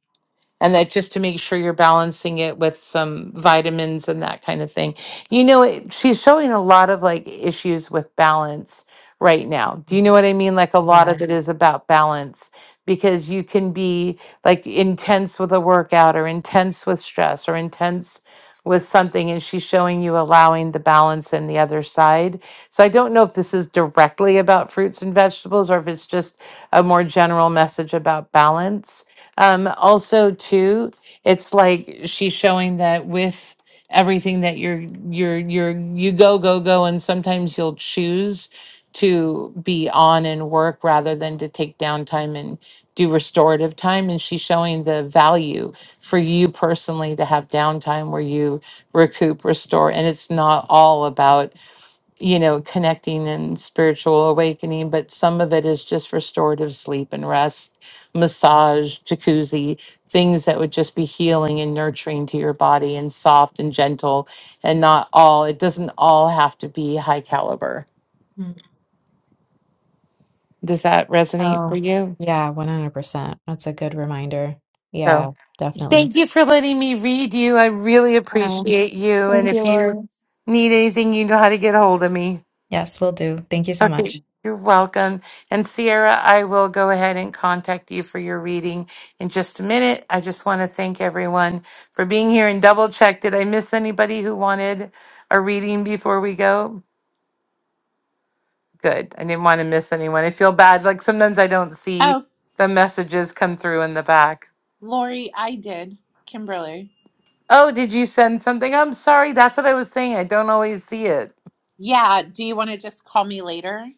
and that just to make sure you're balancing it with some vitamins and that kind of thing. You know, it, she's showing a lot of like issues with balance right now. Do you know what I mean? Like a lot
yeah.
of it is about balance because you can be like intense with a workout or intense with stress or intense with something and she's showing you allowing the balance and the other side. So I don't know if this is directly about fruits and vegetables or if it's just a more general message about balance um, also, too, it's like she's showing that with everything that you're you're you're you go go go, and sometimes you'll choose to be on and work rather than to take downtime and do restorative time. And she's showing the value for you personally to have downtime where you recoup, restore, and it's not all about you know, connecting and spiritual awakening, but some of it is just restorative sleep and rest, massage, jacuzzi, things that would just be healing and nurturing to your body and soft and gentle and not all, it doesn't all have to be high caliber.
Mm.
Does that resonate for
Oh,
you?
yeah, 100%. That's a good reminder.
So
Yeah, definitely.
thank you for letting me read you. I really
Wow.
appreciate you. And
Thank
if
you,
you
Lauren.
need anything, you know how to get a hold of me.
Yes, we will do. Thank you so
Okay,
much.
you're welcome. And Sierra, I will go ahead and contact you for your reading in just a minute. I just want to thank everyone for being here and double check. Did I miss anybody who wanted a reading before we go? Good. I didn't want to miss anyone. I feel bad. Like sometimes I don't see
Oh,
the messages come through in the back.
Lori, I did. Kimberly.
Oh, did you send something? I'm sorry. That's what I was saying. I don't always see it.
Yeah. Do you want to just call me later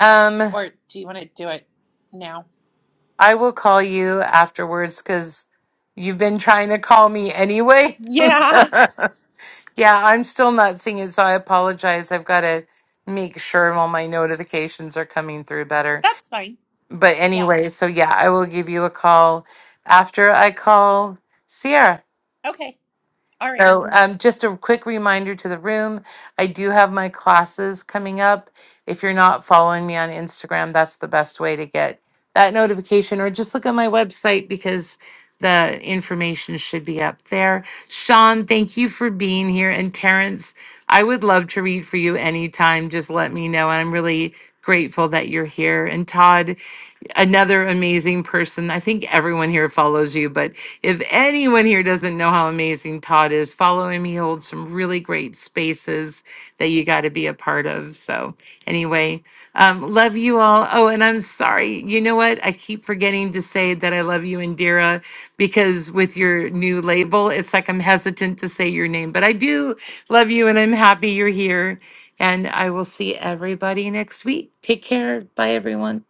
Um,
or do you want to do it now?
I will call you afterwards because you've been trying to call me anyway.
Yeah.
yeah, I'm still not seeing it, so I apologize. I've got to make sure all my notifications are coming through better.
That's fine.
But
Yeah.
anyway, so yeah, I will give you a call after I call Sierra.
Okay. Alrighty.
So, um, just a quick reminder to the room, I do have my classes coming up. If you're not following me on Instagram, that's the best way to get that notification, or just look at my website because the information should be up there. Sean, thank you for being here. And Terrence, I would love to read for you anytime. Just let me know. I'm really grateful that you're here. And Todd, another amazing person. I think everyone here follows you, but if anyone here doesn't know how amazing Todd is, follow him. He holds some really great spaces that you got to be a part of. So, anyway, um, love you all. Oh, and I'm sorry. You know what? I keep forgetting to say that I love you, Indira, because with your new label, it's like I'm hesitant to say your name, but I do love you and I'm happy you're here. And I will see everybody next week. Take care. Bye, everyone.